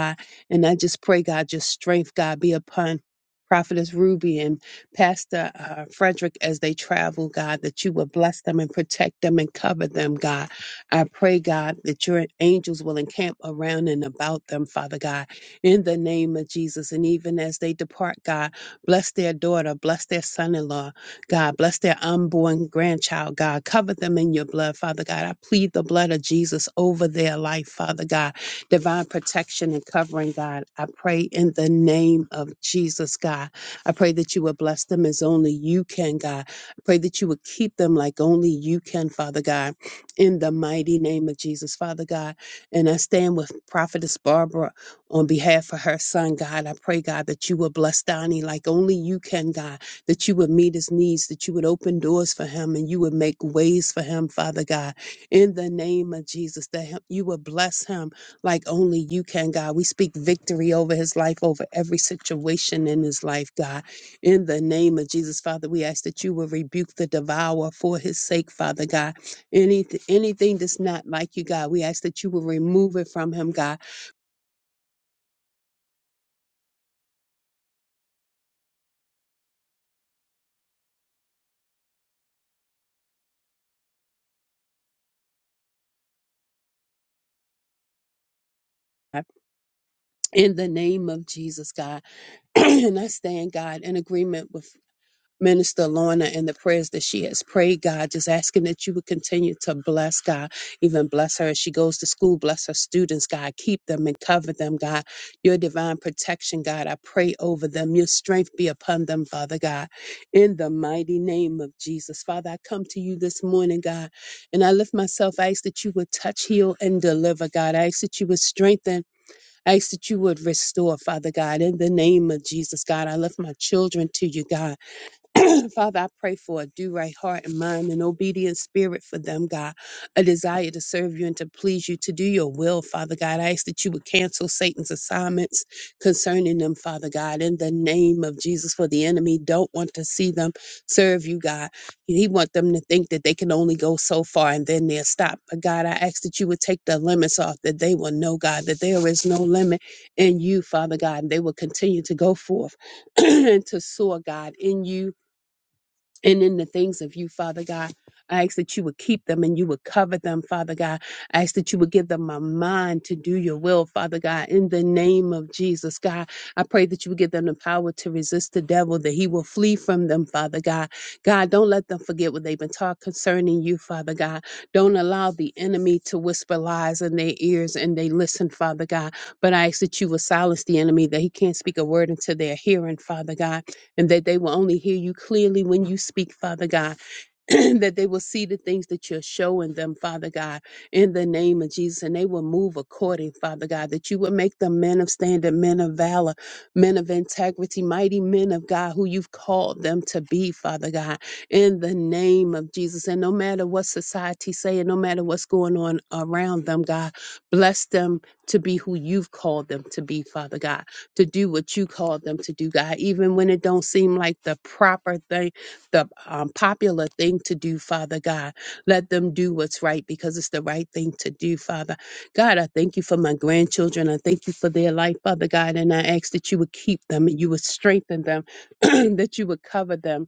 S4: And I just pray, God, your strength, God, be upon Prophetess Ruby and Pastor uh, Frederick as they travel, God, that you will bless them and protect them and cover them, God. I pray, God, that your angels will encamp around and about them, Father God, in the name of Jesus. And even as they depart, God, bless their daughter, bless their son in law, God, bless their unborn grandchild, God. Cover them in your blood, Father God. I plead the blood of Jesus over their life, Father God divine protection and covering, God. I pray in the name of Jesus, God. I pray that you will bless them as only you can, God. I pray that you will keep them like only you can, Father God, in the mighty name of Jesus, Father God. And I stand with Prophetess Barbara on behalf of her son, God. I pray, God, that you will bless Donnie like only you can, God, that you would meet his needs, that you would open doors for him and you would make ways for him, Father God, in the name of Jesus, that him- you would bless him like only you can, God. We speak victory over his life, over every situation in his life, God. In the name of Jesus, Father, we ask that you will rebuke the devourer for his sake, Father God. Anything, anything that's not like you, God, we ask that you will remove it from him, God. In the name of Jesus, God. [clears throat] and I stand, God, in agreement with. Minister Lorna and the prayers that she has prayed, God, just asking that you would continue to bless God, even bless her as she goes to school, bless her students, God, keep them and cover them, God. Your divine protection, God, I pray over them. Your strength be upon them, Father God, in the mighty name of Jesus. Father, I come to you this morning, God, and I lift myself. I ask that you would touch, heal, and deliver, God. I ask that you would strengthen. I ask that you would restore, Father God, in the name of Jesus, God. I lift my children to you, God. [clears throat] Father, I pray for a do right heart and mind, an obedient spirit for them, God, a desire to serve you and to please you, to do your will, Father God. I ask that you would cancel Satan's assignments concerning them, Father God, in the name of Jesus, for the enemy don't want to see them serve you, God. He want them to think that they can only go so far and then they'll stop. But God, I ask that you would take the limits off, that they will know, God, that there is no limit in you, Father God, and they will continue to go forth [clears throat] and to soar, God, in you and in the things of you, Father God. I ask that you would keep them and you would cover them, Father God. I ask that you would give them a mind to do your will, Father God, in the name of Jesus, God. I pray that you would give them the power to resist the devil, that he will flee from them, Father God. God, don't let them forget what they've been taught concerning you, Father God. Don't allow the enemy to whisper lies in their ears and they listen, Father God. But I ask that you would silence the enemy, that he can't speak a word into their hearing, Father God and that they will only hear you clearly when you speak, Father God. [clears throat] that they will see the things that you're showing them, Father God, in the name of Jesus, and they will move according, Father God, that you will make them men of standard, men of valor, men of integrity, mighty men of God who you've called them to be, Father God, in the name of Jesus. And no matter what society say, and no matter what's going on around them, God, bless them to be who you've called them to be, Father God, to do what you called them to do, God, even when it don't seem like the proper thing the um, popular thing to do, Father God. Let them do what's right because it's the right thing to do, Father. God, I thank you for my grandchildren. I thank you for their life, Father God. And I ask that you would keep them and you would strengthen them, [clears throat] that you would cover them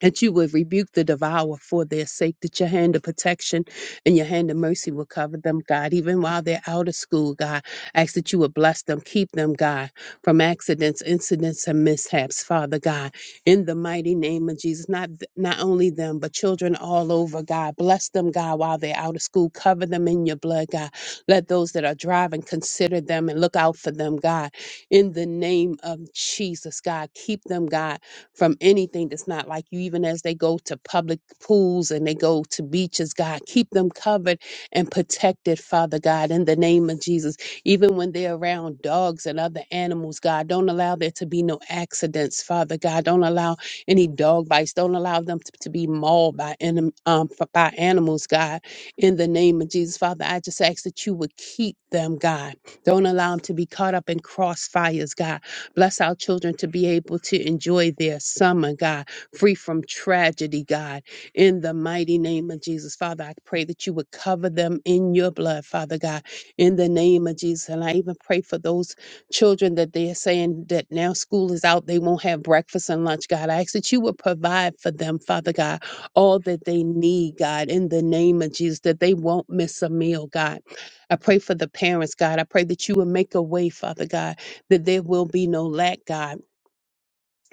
S4: that you would rebuke the devourer for their sake, that your hand of protection and your hand of mercy will cover them, God, even while they're out of school, God. Ask that you would bless them, keep them, God, from accidents, incidents, and mishaps, Father God, in the mighty name of Jesus. Not th- not only them, but children all over, God. Bless them, God, while they're out of school. Cover them in your blood, God. Let those that are driving consider them and look out for them, God. In the name of Jesus, God, keep them, God from anything that's not like you, even as they go to public pools and they go to beaches, God. Keep them covered and protected, Father God, in the name of Jesus. Even when they're around dogs and other animals, God, don't allow there to be no accidents, Father God. Don't allow any dog bites. Don't allow them to, to be mauled by, anim- um, f- by animals, God, in the name of Jesus. Father, I just ask that you would keep them, God. Don't allow them to be caught up in crossfires, God. Bless our children to be able to enjoy their summer, God, free from tragedy, God. In the mighty name of Jesus, Father, I pray that you would cover them in your blood, Father God, in the name of Jesus. And I even pray for those children that they are saying that now school is out, they won't have breakfast and lunch, God. I ask that you would provide for them, Father God, all that they need, God, in the name of Jesus, that they won't miss a meal, God. I pray for the parents, God. I pray that you would make a way, Father God that there will be no lack, God.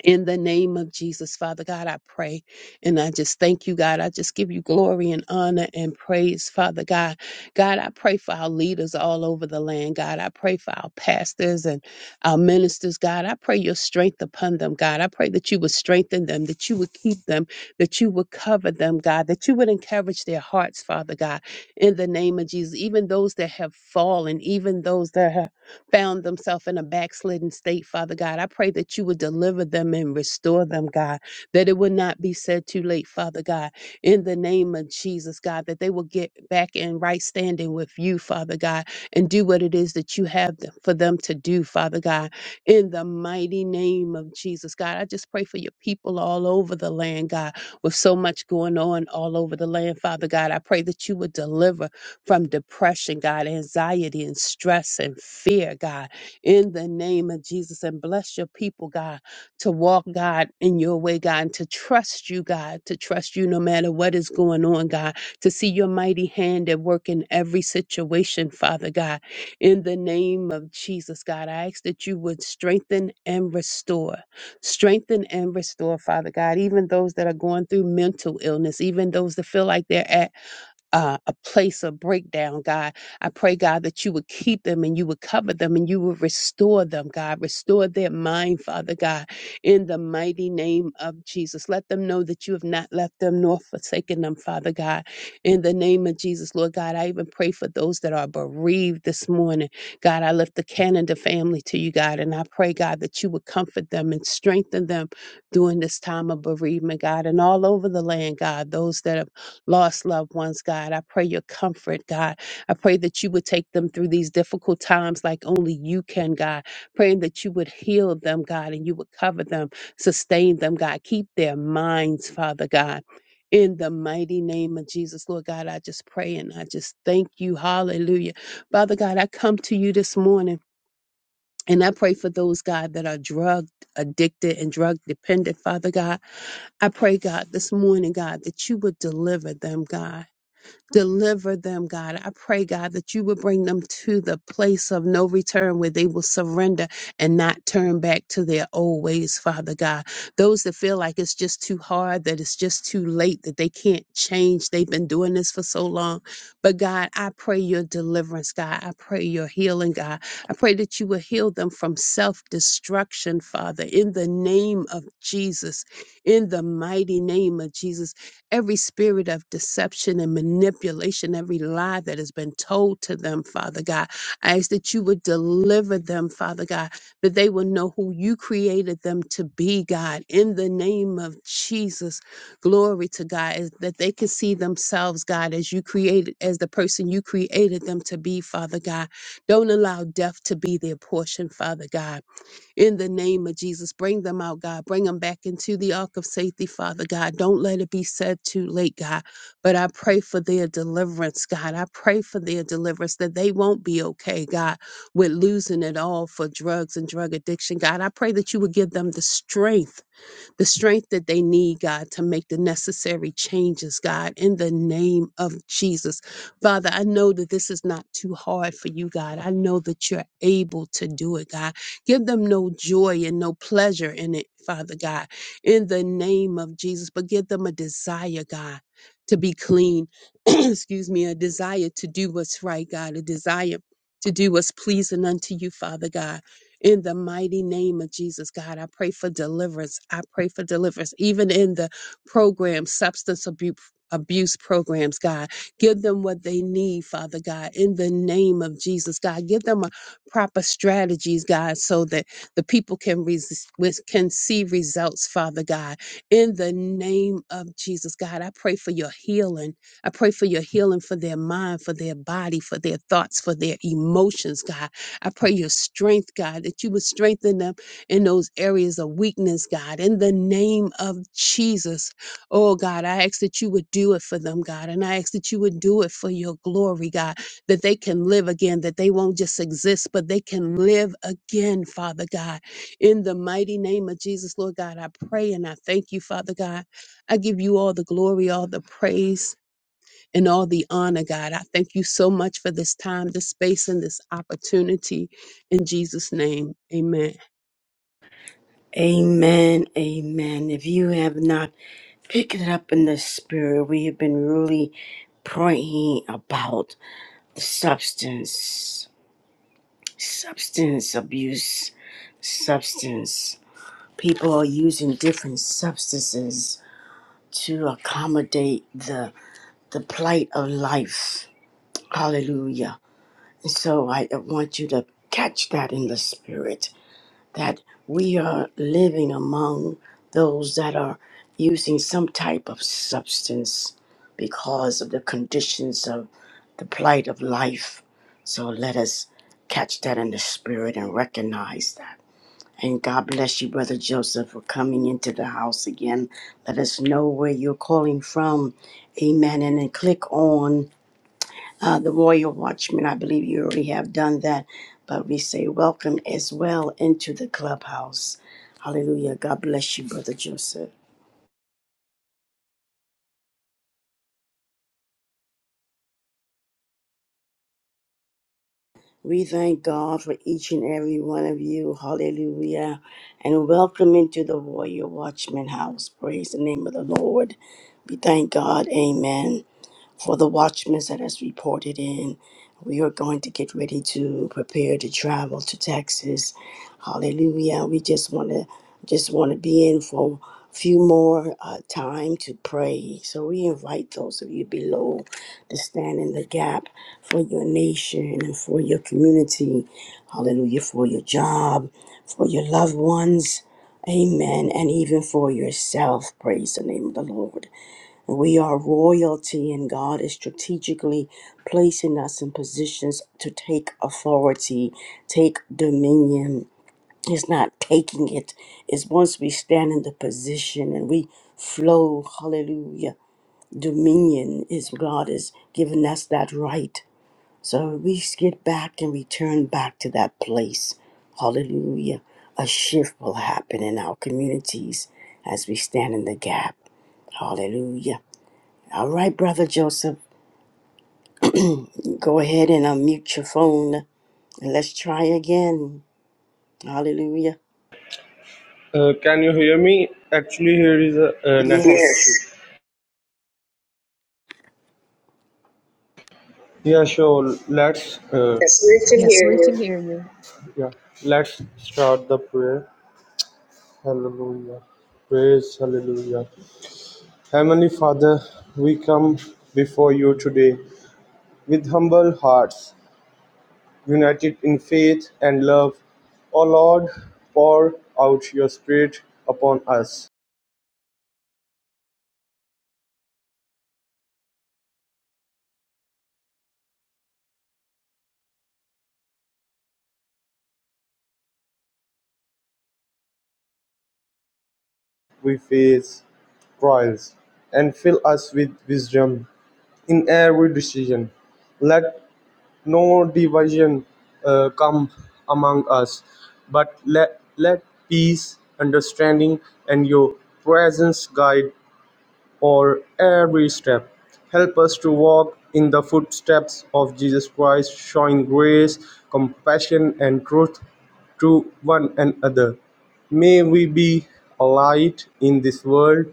S4: In the name of Jesus, Father God, I pray. And I just thank you, God. I just give you glory and honor and praise, Father God. God, I pray for our leaders all over the land, God. I pray for our pastors and our ministers, God. I pray your strength upon them, God. I pray that you would strengthen them, that you would keep them, that you would cover them, God, that you would encourage their hearts, Father God, in the name of Jesus. Even those that have fallen, even those that have found themselves in a backslidden state, Father God. I pray that you would deliver them and restore them, God, that it would not be said too late, Father God, in the name of Jesus, God, that they will get back in right standing with you, Father God, and do what it is that you have them, for them to do, Father God, in the mighty name of Jesus, God. I just pray for your people all over the land, God, with so much going on all over the land, Father God. I pray that you would deliver from depression, God, anxiety and stress and fear, God, in the name of Jesus. And bless your people, God, to walk, God, in your way, God, and to trust you, God, to trust you no matter what is going on, God, to see your mighty hand at work in every situation, Father God. In the name of Jesus, God, I ask that you would strengthen and restore strengthen and restore, Father God, even those that are going through mental illness, even those that feel like they're at uh, a place of breakdown, God. I pray, God, that you would keep them and you would cover them and you would restore them, God. Restore their mind, Father God, in the mighty name of Jesus. Let them know that you have not left them nor forsaken them, Father God. In the name of Jesus, Lord God, I even pray for those that are bereaved this morning. God, I lift the Canada family to you, God, and I pray, God, that you would comfort them and strengthen them during this time of bereavement, God, and all over the land, God, those that are lost loved ones, God. I pray your comfort, God. I pray that you would take them through these difficult times like only you can, God. Praying that you would heal them, God, and you would cover them, sustain them, God. Keep their minds, Father God. In the mighty name of Jesus, Lord God, I just pray and I just thank you. Hallelujah. Father God, I come to you this morning and I pray for those, God, that are drug addicted and drug dependent, Father God. I pray, God, this morning, God, that you would deliver them, God. Deliver them, God. I pray, God, that you would bring them to the place of no return where they will surrender and not turn back to their old ways, Father God. Those that feel like it's just too hard, that it's just too late, that they can't change, they've been doing this for so long. But God, I pray your deliverance, God. I pray your healing, God. I pray that you will heal them from self destruction, Father, in the name of Jesus, in the mighty name of Jesus every spirit of deception and manipulation, every lie that has been told to them, Father God. I ask that you would deliver them, Father God, that they will know who you created them to be, God, in the name of Jesus. Glory to God, is that they can see themselves, God, as you created, as the person you created them to be, Father God. Don't allow death to be their portion, Father God in the name of Jesus. Bring them out, God. Bring them back into the ark of safety, Father God. Don't let it be said too late, God. But I pray for their deliverance, God. I pray for their deliverance that they won't be okay, God, with losing it all for drugs and drug addiction, God. I pray that you would give them the strength the strength that they need, God, to make the necessary changes, God, in the name of Jesus. Father, I know that this is not too hard for you, God. I know that you're able to do it, God. Give them no joy and no pleasure in it, Father God, in the name of Jesus, but give them a desire, God, to be clean. [clears throat] Excuse me, a desire to do what's right, God, a desire to do what's pleasing unto you, Father God. In the mighty name of Jesus, God, I pray for deliverance. I pray for deliverance, even in the program, substance abuse. Abuse programs, God. Give them what they need, Father God, in the name of Jesus, God. Give them a proper strategies, God, so that the people can, res- with- can see results, Father God, in the name of Jesus, God. I pray for your healing. I pray for your healing for their mind, for their body, for their thoughts, for their emotions, God. I pray your strength, God, that you would strengthen them in those areas of weakness, God, in the name of Jesus. Oh, God, I ask that you would do it for them, God, and I ask that you would do it for your glory, God, that they can live again, that they won't just exist, but they can live again, Father God. In the mighty name of Jesus, Lord God, I pray and I thank you, Father God. I give you all the glory, all the praise and all the honor, God. I thank you so much for this time, this space, and this opportunity. In Jesus' name, amen.
S1: Amen. Amen. If you have not Pick it up in the spirit, we have been really praying about the substance, substance abuse, substance. People are using different substances to accommodate the the plight of life. Hallelujah. And so I want you to catch that in the spirit that we are those that are using some type of substance because of the conditions of the life Let us catch that in the spirit and recognize that. And God bless you, Brother Joseph, for coming into the house again. Let us know where you're calling from. Amen. And then click on uh, the Royal Watchman. I believe you already have done that. But we say welcome as well into the clubhouse. Hallelujah. God bless you, Brother Joseph. We thank God for each and every one of you. Hallelujah. And welcome into the Royal Watchman house. Praise the name of the Lord. We thank God, amen, for the watchmen that has reported in. We are going to get ready to prepare to travel to Texas. Hallelujah. We just want to just want to be in for a few more uh, time to pray. So we invite those of you below to stand in the gap for your nation and for your community. Hallelujah. For your job, for your loved ones. Amen. And even for yourself. Praise the name of the Lord. We are royalty, and God is strategically placing us in positions to take authority, take dominion. It's not taking it, it's once we stand in the position and we flow, hallelujah. Dominion is God is giving us that right. So we get back and return back to that place. Hallelujah. A shift will happen in our communities as we stand in the gap. Hallelujah. All right, Brother Joseph, go ahead and unmute your phone and let's try again. Hallelujah.
S5: Uh, can you hear me? Actually, here is a, a network
S1: Yes.
S5: issue. Yes. Yeah, sure. Let's uh, Yes, we can
S2: Yes,
S5: hear
S2: we can
S5: you.
S2: hear you.
S5: yeah, let's start the prayer. Hallelujah. Praise Hallelujah. Heavenly Father, we come before you today with humble hearts, united in faith and love. O Lord, pour out your Spirit upon us. We face trials and fill us with wisdom in every decision. Let no division uh, come among us, but let, let peace, understanding, and your presence guide or every step. Help us to walk in the footsteps of Jesus Christ, showing grace, compassion, and truth to one another. May we be a light in this world,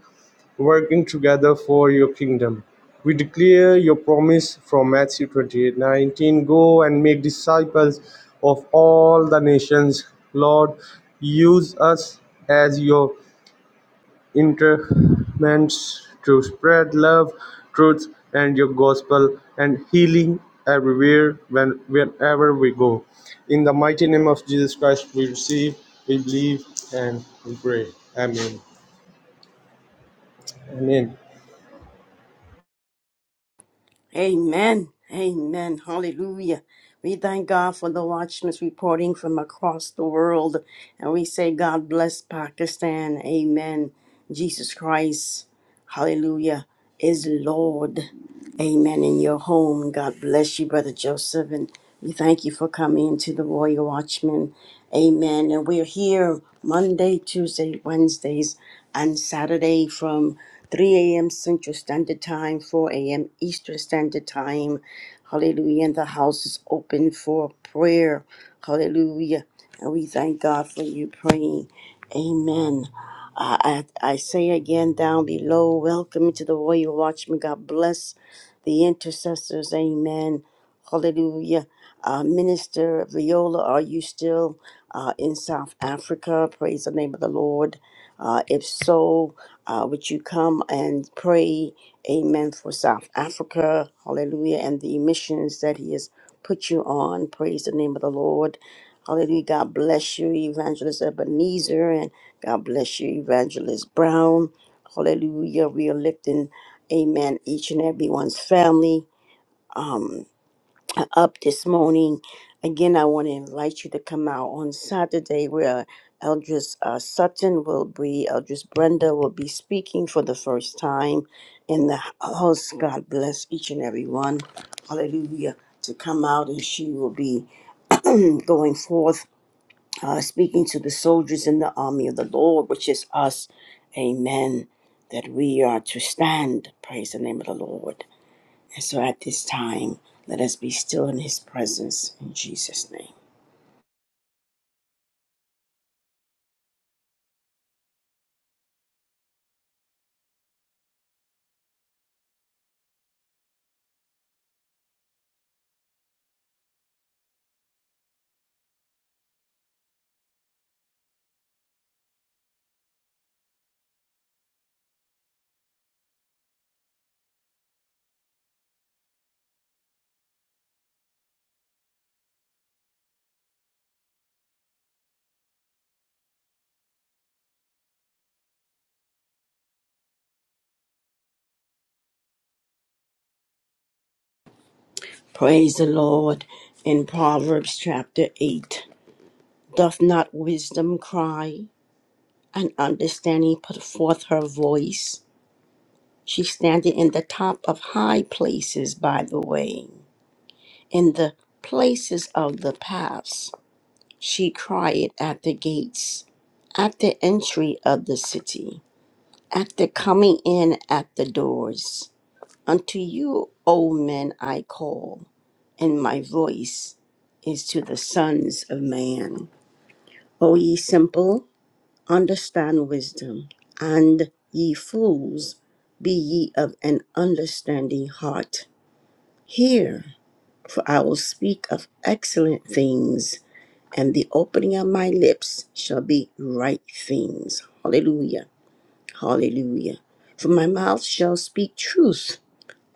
S5: working together for your kingdom. We declare your promise from Matthew 28 19: Go and make disciples of all the nations. Lord, use us as your interments to spread love, truth, and your gospel and healing everywhere when wherever we go. In the mighty name of Jesus Christ, we receive, we believe, and we pray. Amen. Amen.
S1: Amen. Amen. Hallelujah. We thank God for the watchmen reporting from across the world. And we say, God bless Pakistan. Amen. Jesus Christ. Hallelujah. Is Lord. Amen. In your home, God bless you, Brother Joseph, and we thank you for coming to the Royal Watchman. Amen. And we're here Monday, Tuesday, Wednesdays, and Saturday from 3 a.m. Central Standard Time, 4 a.m. Eastern Standard Time. Hallelujah. And the house is open for prayer. Hallelujah. And we thank God for you praying. Amen. I, I I say again down below, welcome to the Royal Watchman. God bless the intercessors. Amen. Hallelujah. Uh, Minister Viola, are you still uh, in South Africa? Praise the name of the Lord. Uh, if so, uh, would you come and pray, amen, for South Africa? Hallelujah. And the missions that He has put you on. Praise the name of the Lord. Hallelujah. God bless you, Evangelist Ebenezer, and God bless you, Evangelist Brown. Hallelujah. We are lifting amen, each and everyone's family um, up this morning. Again, I want to invite you to come out on Saturday where Eldris uh, Sutton will be, Eldris Brenda will be speaking for the first time in the house. God bless each and everyone. Hallelujah. To come out and she will be [clears throat] going forth, uh, speaking to the soldiers in the army of the Lord, which is us. Amen. That we are to stand. Praise the name of the Lord. And so at this time, let us be still in his presence in Jesus' name. Praise the Lord. In Proverbs chapter 8, doth not wisdom cry, and understanding put forth her voice? She standeth in the top of high places by the way, in the places of the paths. She crieth at the gates, at the entry of the city, at the coming in at the doors. Unto you, O men, I call, and my voice is to the sons of man. O ye simple, understand wisdom, and ye fools, be ye of an understanding heart. Hear, for I will speak of excellent things, and the opening of my lips shall be right things. Hallelujah. Hallelujah. For my mouth shall speak truth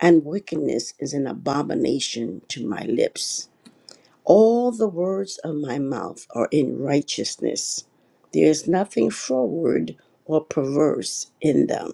S1: and wickedness is an abomination to my lips. All the words of my mouth are in righteousness. There is nothing froward or perverse in them.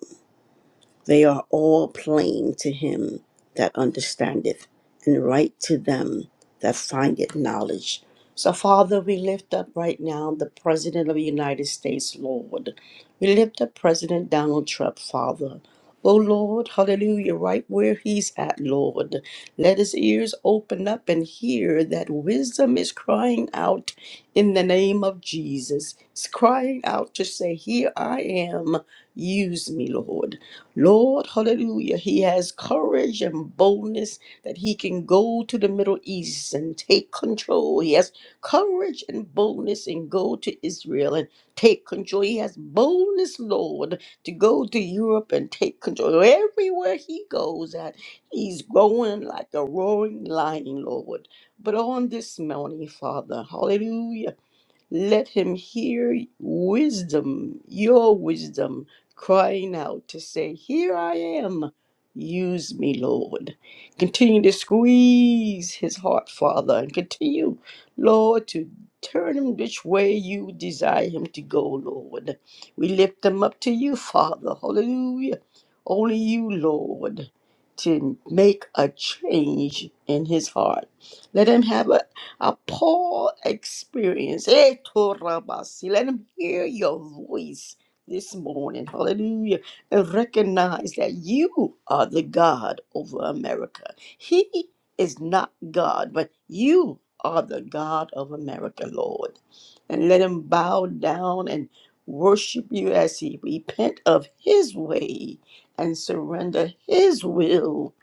S1: They are all plain to him that understandeth, and right to them that findeth knowledge. So, Father, we lift up right now the President of the United States, Lord. We lift up President Donald Trump, Father. Oh Lord, hallelujah, right where he's at, Lord. Let his ears open up and hear that wisdom is crying out in the name of Jesus. It's crying out to say, Here I am, use me, Lord. Lord, hallelujah, he has courage and boldness that he can go to the Middle East and take control. He has courage and boldness and go to Israel and take control. He has boldness, Lord, to go to Europe and take control. Everywhere he goes at, he's going like a roaring lion, Lord. But on this morning, Father, hallelujah. Let him hear wisdom, your wisdom, crying out to say, Here I am, use me, Lord. Continue to squeeze his heart, Father, and continue, Lord, to turn him which way you desire him to go, Lord. We lift them up to you, Father. Hallelujah. Only you, Lord, to make a change in his heart. Let him have an a Paul experience. Eh, Torabasi. Let him hear your voice this morning. Hallelujah. And recognize that you are the God over America. He is not God, but you are the God of America, Lord. And let him bow down and worship you as he repent of his way and surrender his will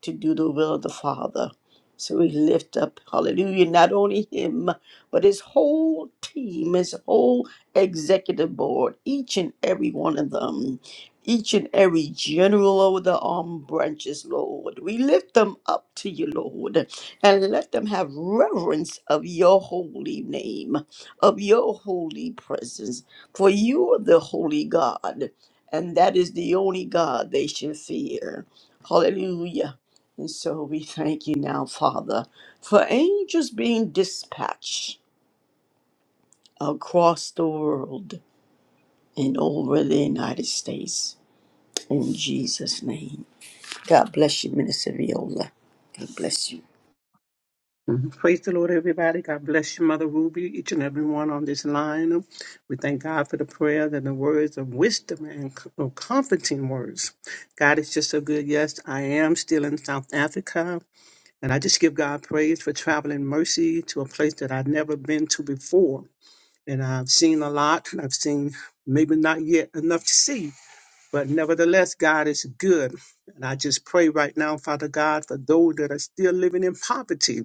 S1: to do the will of the Father. So we lift up, hallelujah, not only him, but his whole team, his whole executive board, each and every one of them, each and every general over the armed branches, Lord. We lift them up to you, Lord, and let them have reverence of your holy name, of your holy presence. For you are the holy God, and that is the only God they should fear. Hallelujah. And so we thank you now, Father, for angels being dispatched across the world and over the United States. In Jesus' name. God bless you, Minister Viola. God bless you.
S6: Mm-hmm. Praise the Lord, everybody. God bless you, Mother Ruby, each and every one on this line. We thank God for the prayers and the words of wisdom and co- of comforting words. God is just so good. Yes, I am still in South Africa, and I just give God praise for traveling mercy to a place that I've never been to before. And I've seen a lot, I've seen maybe not yet enough to see, but nevertheless, God is good. And I just pray right now, Father God, for those that are still living in poverty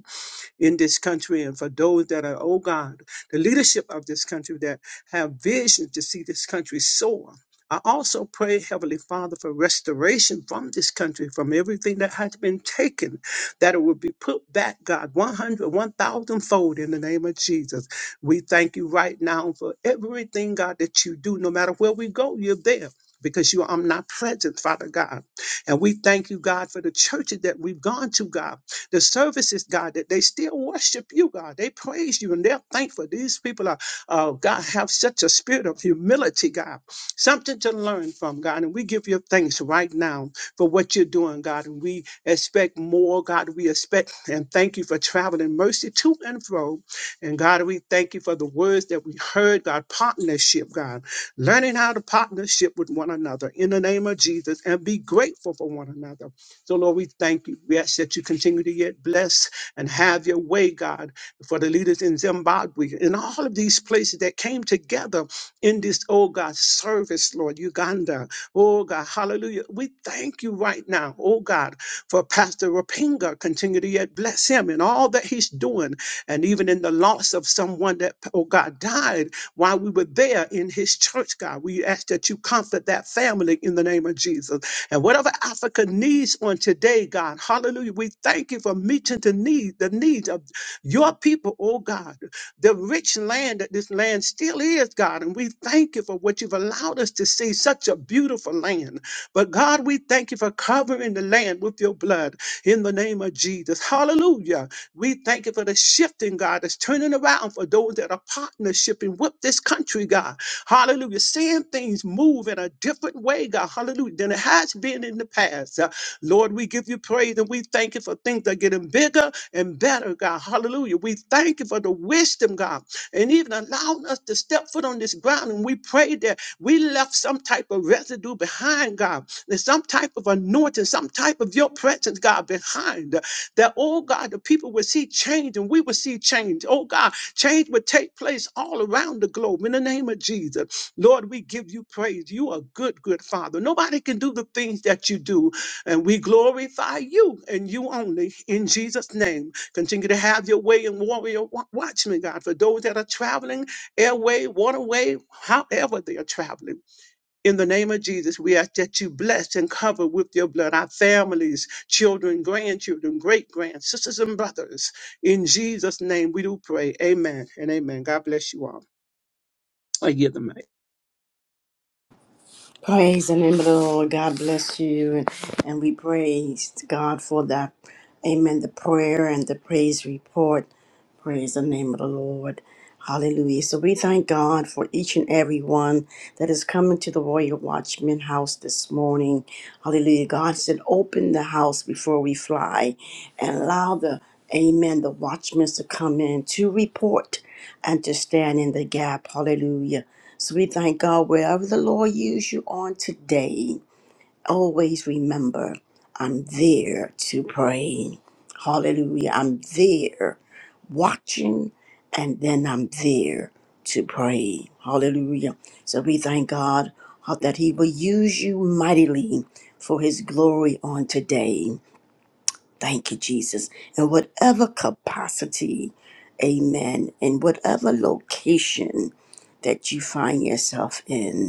S6: in this country and for those that are, oh God, the leadership of this country that have vision to see this country soar. I also pray, Heavenly Father, for restoration from this country, from everything that has been taken, that it will be put back, God, 100, 1,000 fold in the name of Jesus. We thank you right now for everything, God, that you do. No matter where we go, you're there because you are omnipresent, Father God. And we thank you, God, for the churches that we've gone to, God the services, God, that they still worship you, God. They praise you and they're thankful. These people are, uh, God, have such a spirit of humility, God. Something to learn from, God. And we give you thanks right now for what you're doing, God. And we expect more, God. We expect and thank you for traveling mercy to and fro. And God, we thank you for the words that we heard, God, partnership, God. Learning how to partnership with one another in the name of Jesus and be grateful for one another. So, Lord, we thank you. We ask that you continue to yet bless and have your way, God, for the leaders in Zimbabwe and all of these places that came together in this, oh God, service, Lord, Uganda. Oh God, hallelujah. We thank you right now, oh God, for Pastor Rapinga. Continue to yet bless him and all that he's doing. And even in the loss of someone that, oh God, died while we were there in his church, God, we ask that you comfort that family in the name of Jesus. And whatever Africa needs on today, God, hallelujah, we thank you for meeting the need, the needs of your people, oh God, the rich land that this land still is, God. And we thank you for what you've allowed us to see, such a beautiful land. But God, we thank you for covering the land with your blood in the name of Jesus. Hallelujah. We thank you for the shifting, God, that's turning around for those that are partnershiping with this country, God. Hallelujah. Seeing things move in a different way, God. Hallelujah. Than it has been in the past. Uh, Lord, we give you praise and we thank you for things that are getting bigger and better, God. Hallelujah. We thank you for the wisdom, God, and even allowing us to step foot on this ground. And we pray that we left some type of residue behind, God. There's some type of anointing, some type of your presence, God, behind. uh, that, oh God, the people would see change and we would see change. Oh God, change would take place all around the globe in the name of Jesus. Lord, we give you praise. You are good, good Father. Nobody can do the things that you do, and we glorify you and you only in Jesus' name. Continue to have your way in warrior wa- watchmen, God, for those that are traveling airway, waterway, however they are traveling. In the name of Jesus, we ask that you bless and cover with your blood our families, children, grandchildren, great grand sisters and brothers. In Jesus' name we do pray. Amen and amen. God bless you all. I give them.
S1: Praise the name of the Lord. God bless you. And, and we praise God for that. Amen. The prayer and the praise report. Praise the name of the Lord. Hallelujah. So we thank God for each and every one that is coming to the Royal Watchman house this morning. Hallelujah. God said, open the house before we fly and allow the, amen, the watchmen to come in to report and to stand in the gap. Hallelujah. So we thank God wherever the Lord use you on today, always remember I'm there to pray. Hallelujah. I'm there watching and then I'm there to pray. Hallelujah. So we thank God that He will use you mightily for His glory on today. Thank you, Jesus. In whatever capacity, amen, in whatever location that you find yourself in.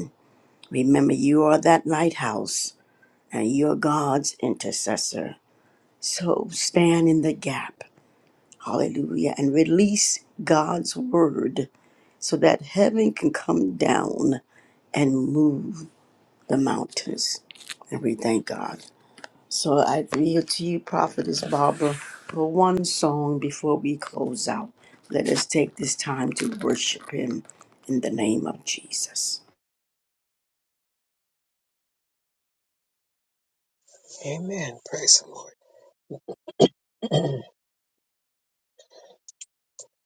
S1: Remember, you are that lighthouse and you're God's intercessor. So stand in the gap. Hallelujah. And release God's word so that heaven can come down and move the mountains. And we thank God. So I yield to you, Prophetess Barbara, for one song before we close out. Let us take this time to worship Him in the name of Jesus.
S2: Amen. Praise the Lord.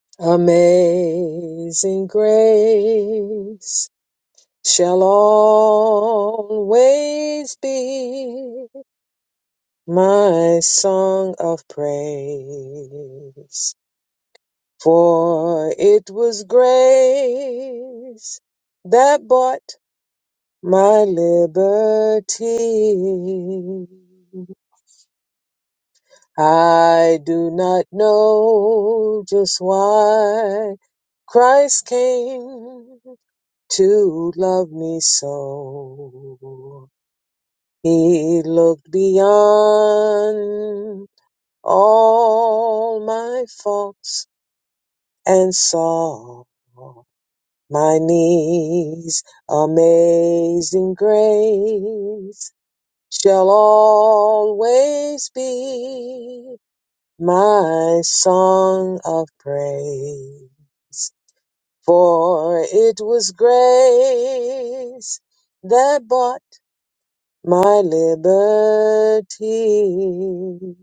S2: [clears throat] Amazing grace. shall always be my song of praise. For it was grace that bought my liberty. I do not know just why Christ came to love me so. He looked beyond all my faults and saw my needs. Amazing grace shall always be my song of praise. For it was grace that bought my liberty.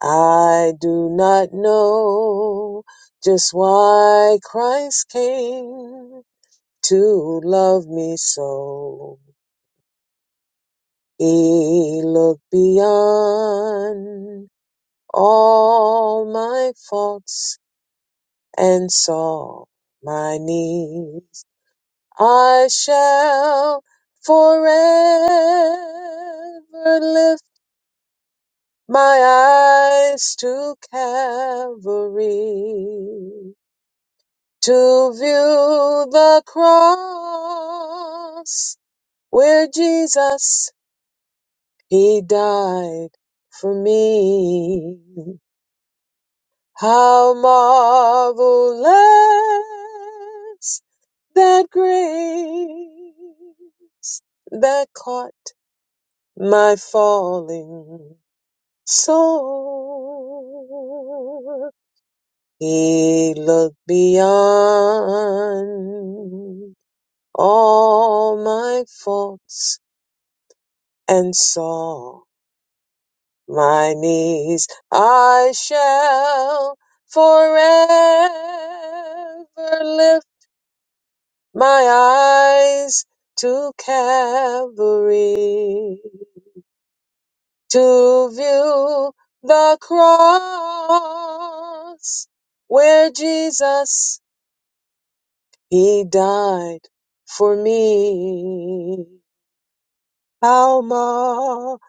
S2: I do not know just why Christ came to love me so. He looked beyond all my faults and saw my needs. I shall forever lift my eyes to Calvary. to view the cross where Jesus he died for me. How marvelous that grace that caught my falling soul. He looked beyond all my faults and saw my knees. I shall forever lift my eyes to Calvary to view the cross where Jesus he died for me. How marvelous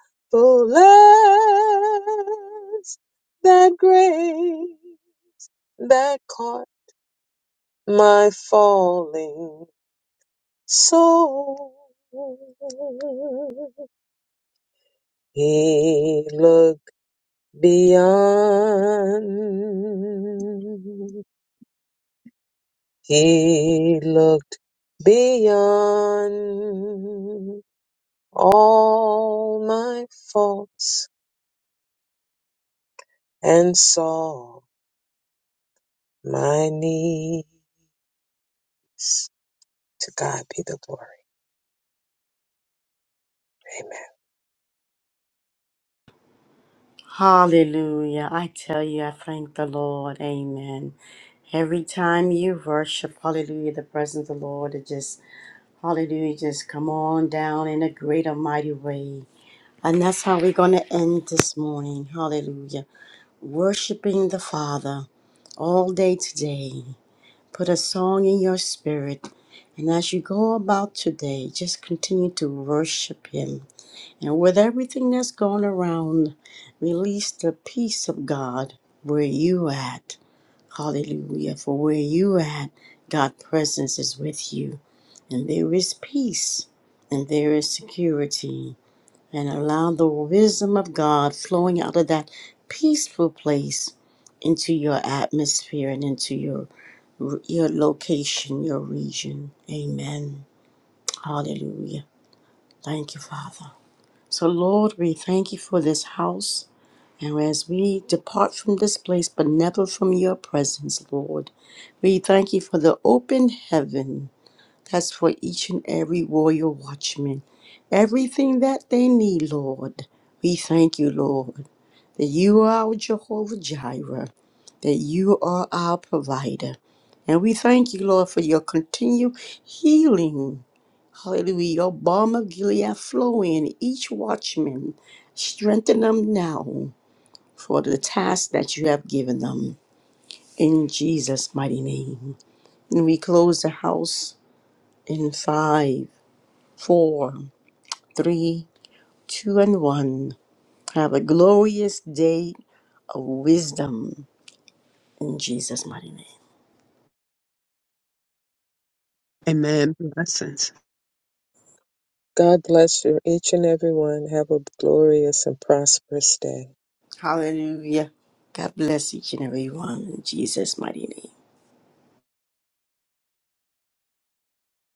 S2: that grace that caught my falling soul. He looked beyond. He looked beyond all my faults and saw my need. To God be the glory. Amen.
S1: Hallelujah. I tell you, I thank the Lord. Amen. Every time you worship, hallelujah, the presence of the Lord, it just, hallelujah, just come on down in a great and mighty way. And that's how we're going to end this morning. Hallelujah. Worshiping the Father all day today. Put a song in your spirit. And as you go about today, just continue to worship Him. And with everything that's going around, release the peace of God where you at. Hallelujah. For where you at, God presence is with you. And there is peace and there is security. And allow the wisdom of God flowing out of that peaceful place into your atmosphere and into your your location, your region. Amen. Hallelujah. Thank you, Father. So Lord, we thank you for this house. And as we depart from this place, but never from your presence, Lord, we thank you for the open heaven that's for each and every warrior watchman. Everything that they need, Lord, we thank you, Lord, that you are our Jehovah Jireh, that you are our provider. And we thank you, Lord, for your continued healing. Hallelujah. Your balm of Gilead flow in each watchman. Strengthen them now for the task that you have given them. In Jesus' mighty name. And we close the house in five, four, three, two, and one. Have a glorious day of wisdom in Jesus' mighty name.
S4: Amen. Blessings.
S2: God bless you, each and every one. Have a glorious and prosperous day.
S1: Hallelujah. God bless each and every one in Jesus' mighty name.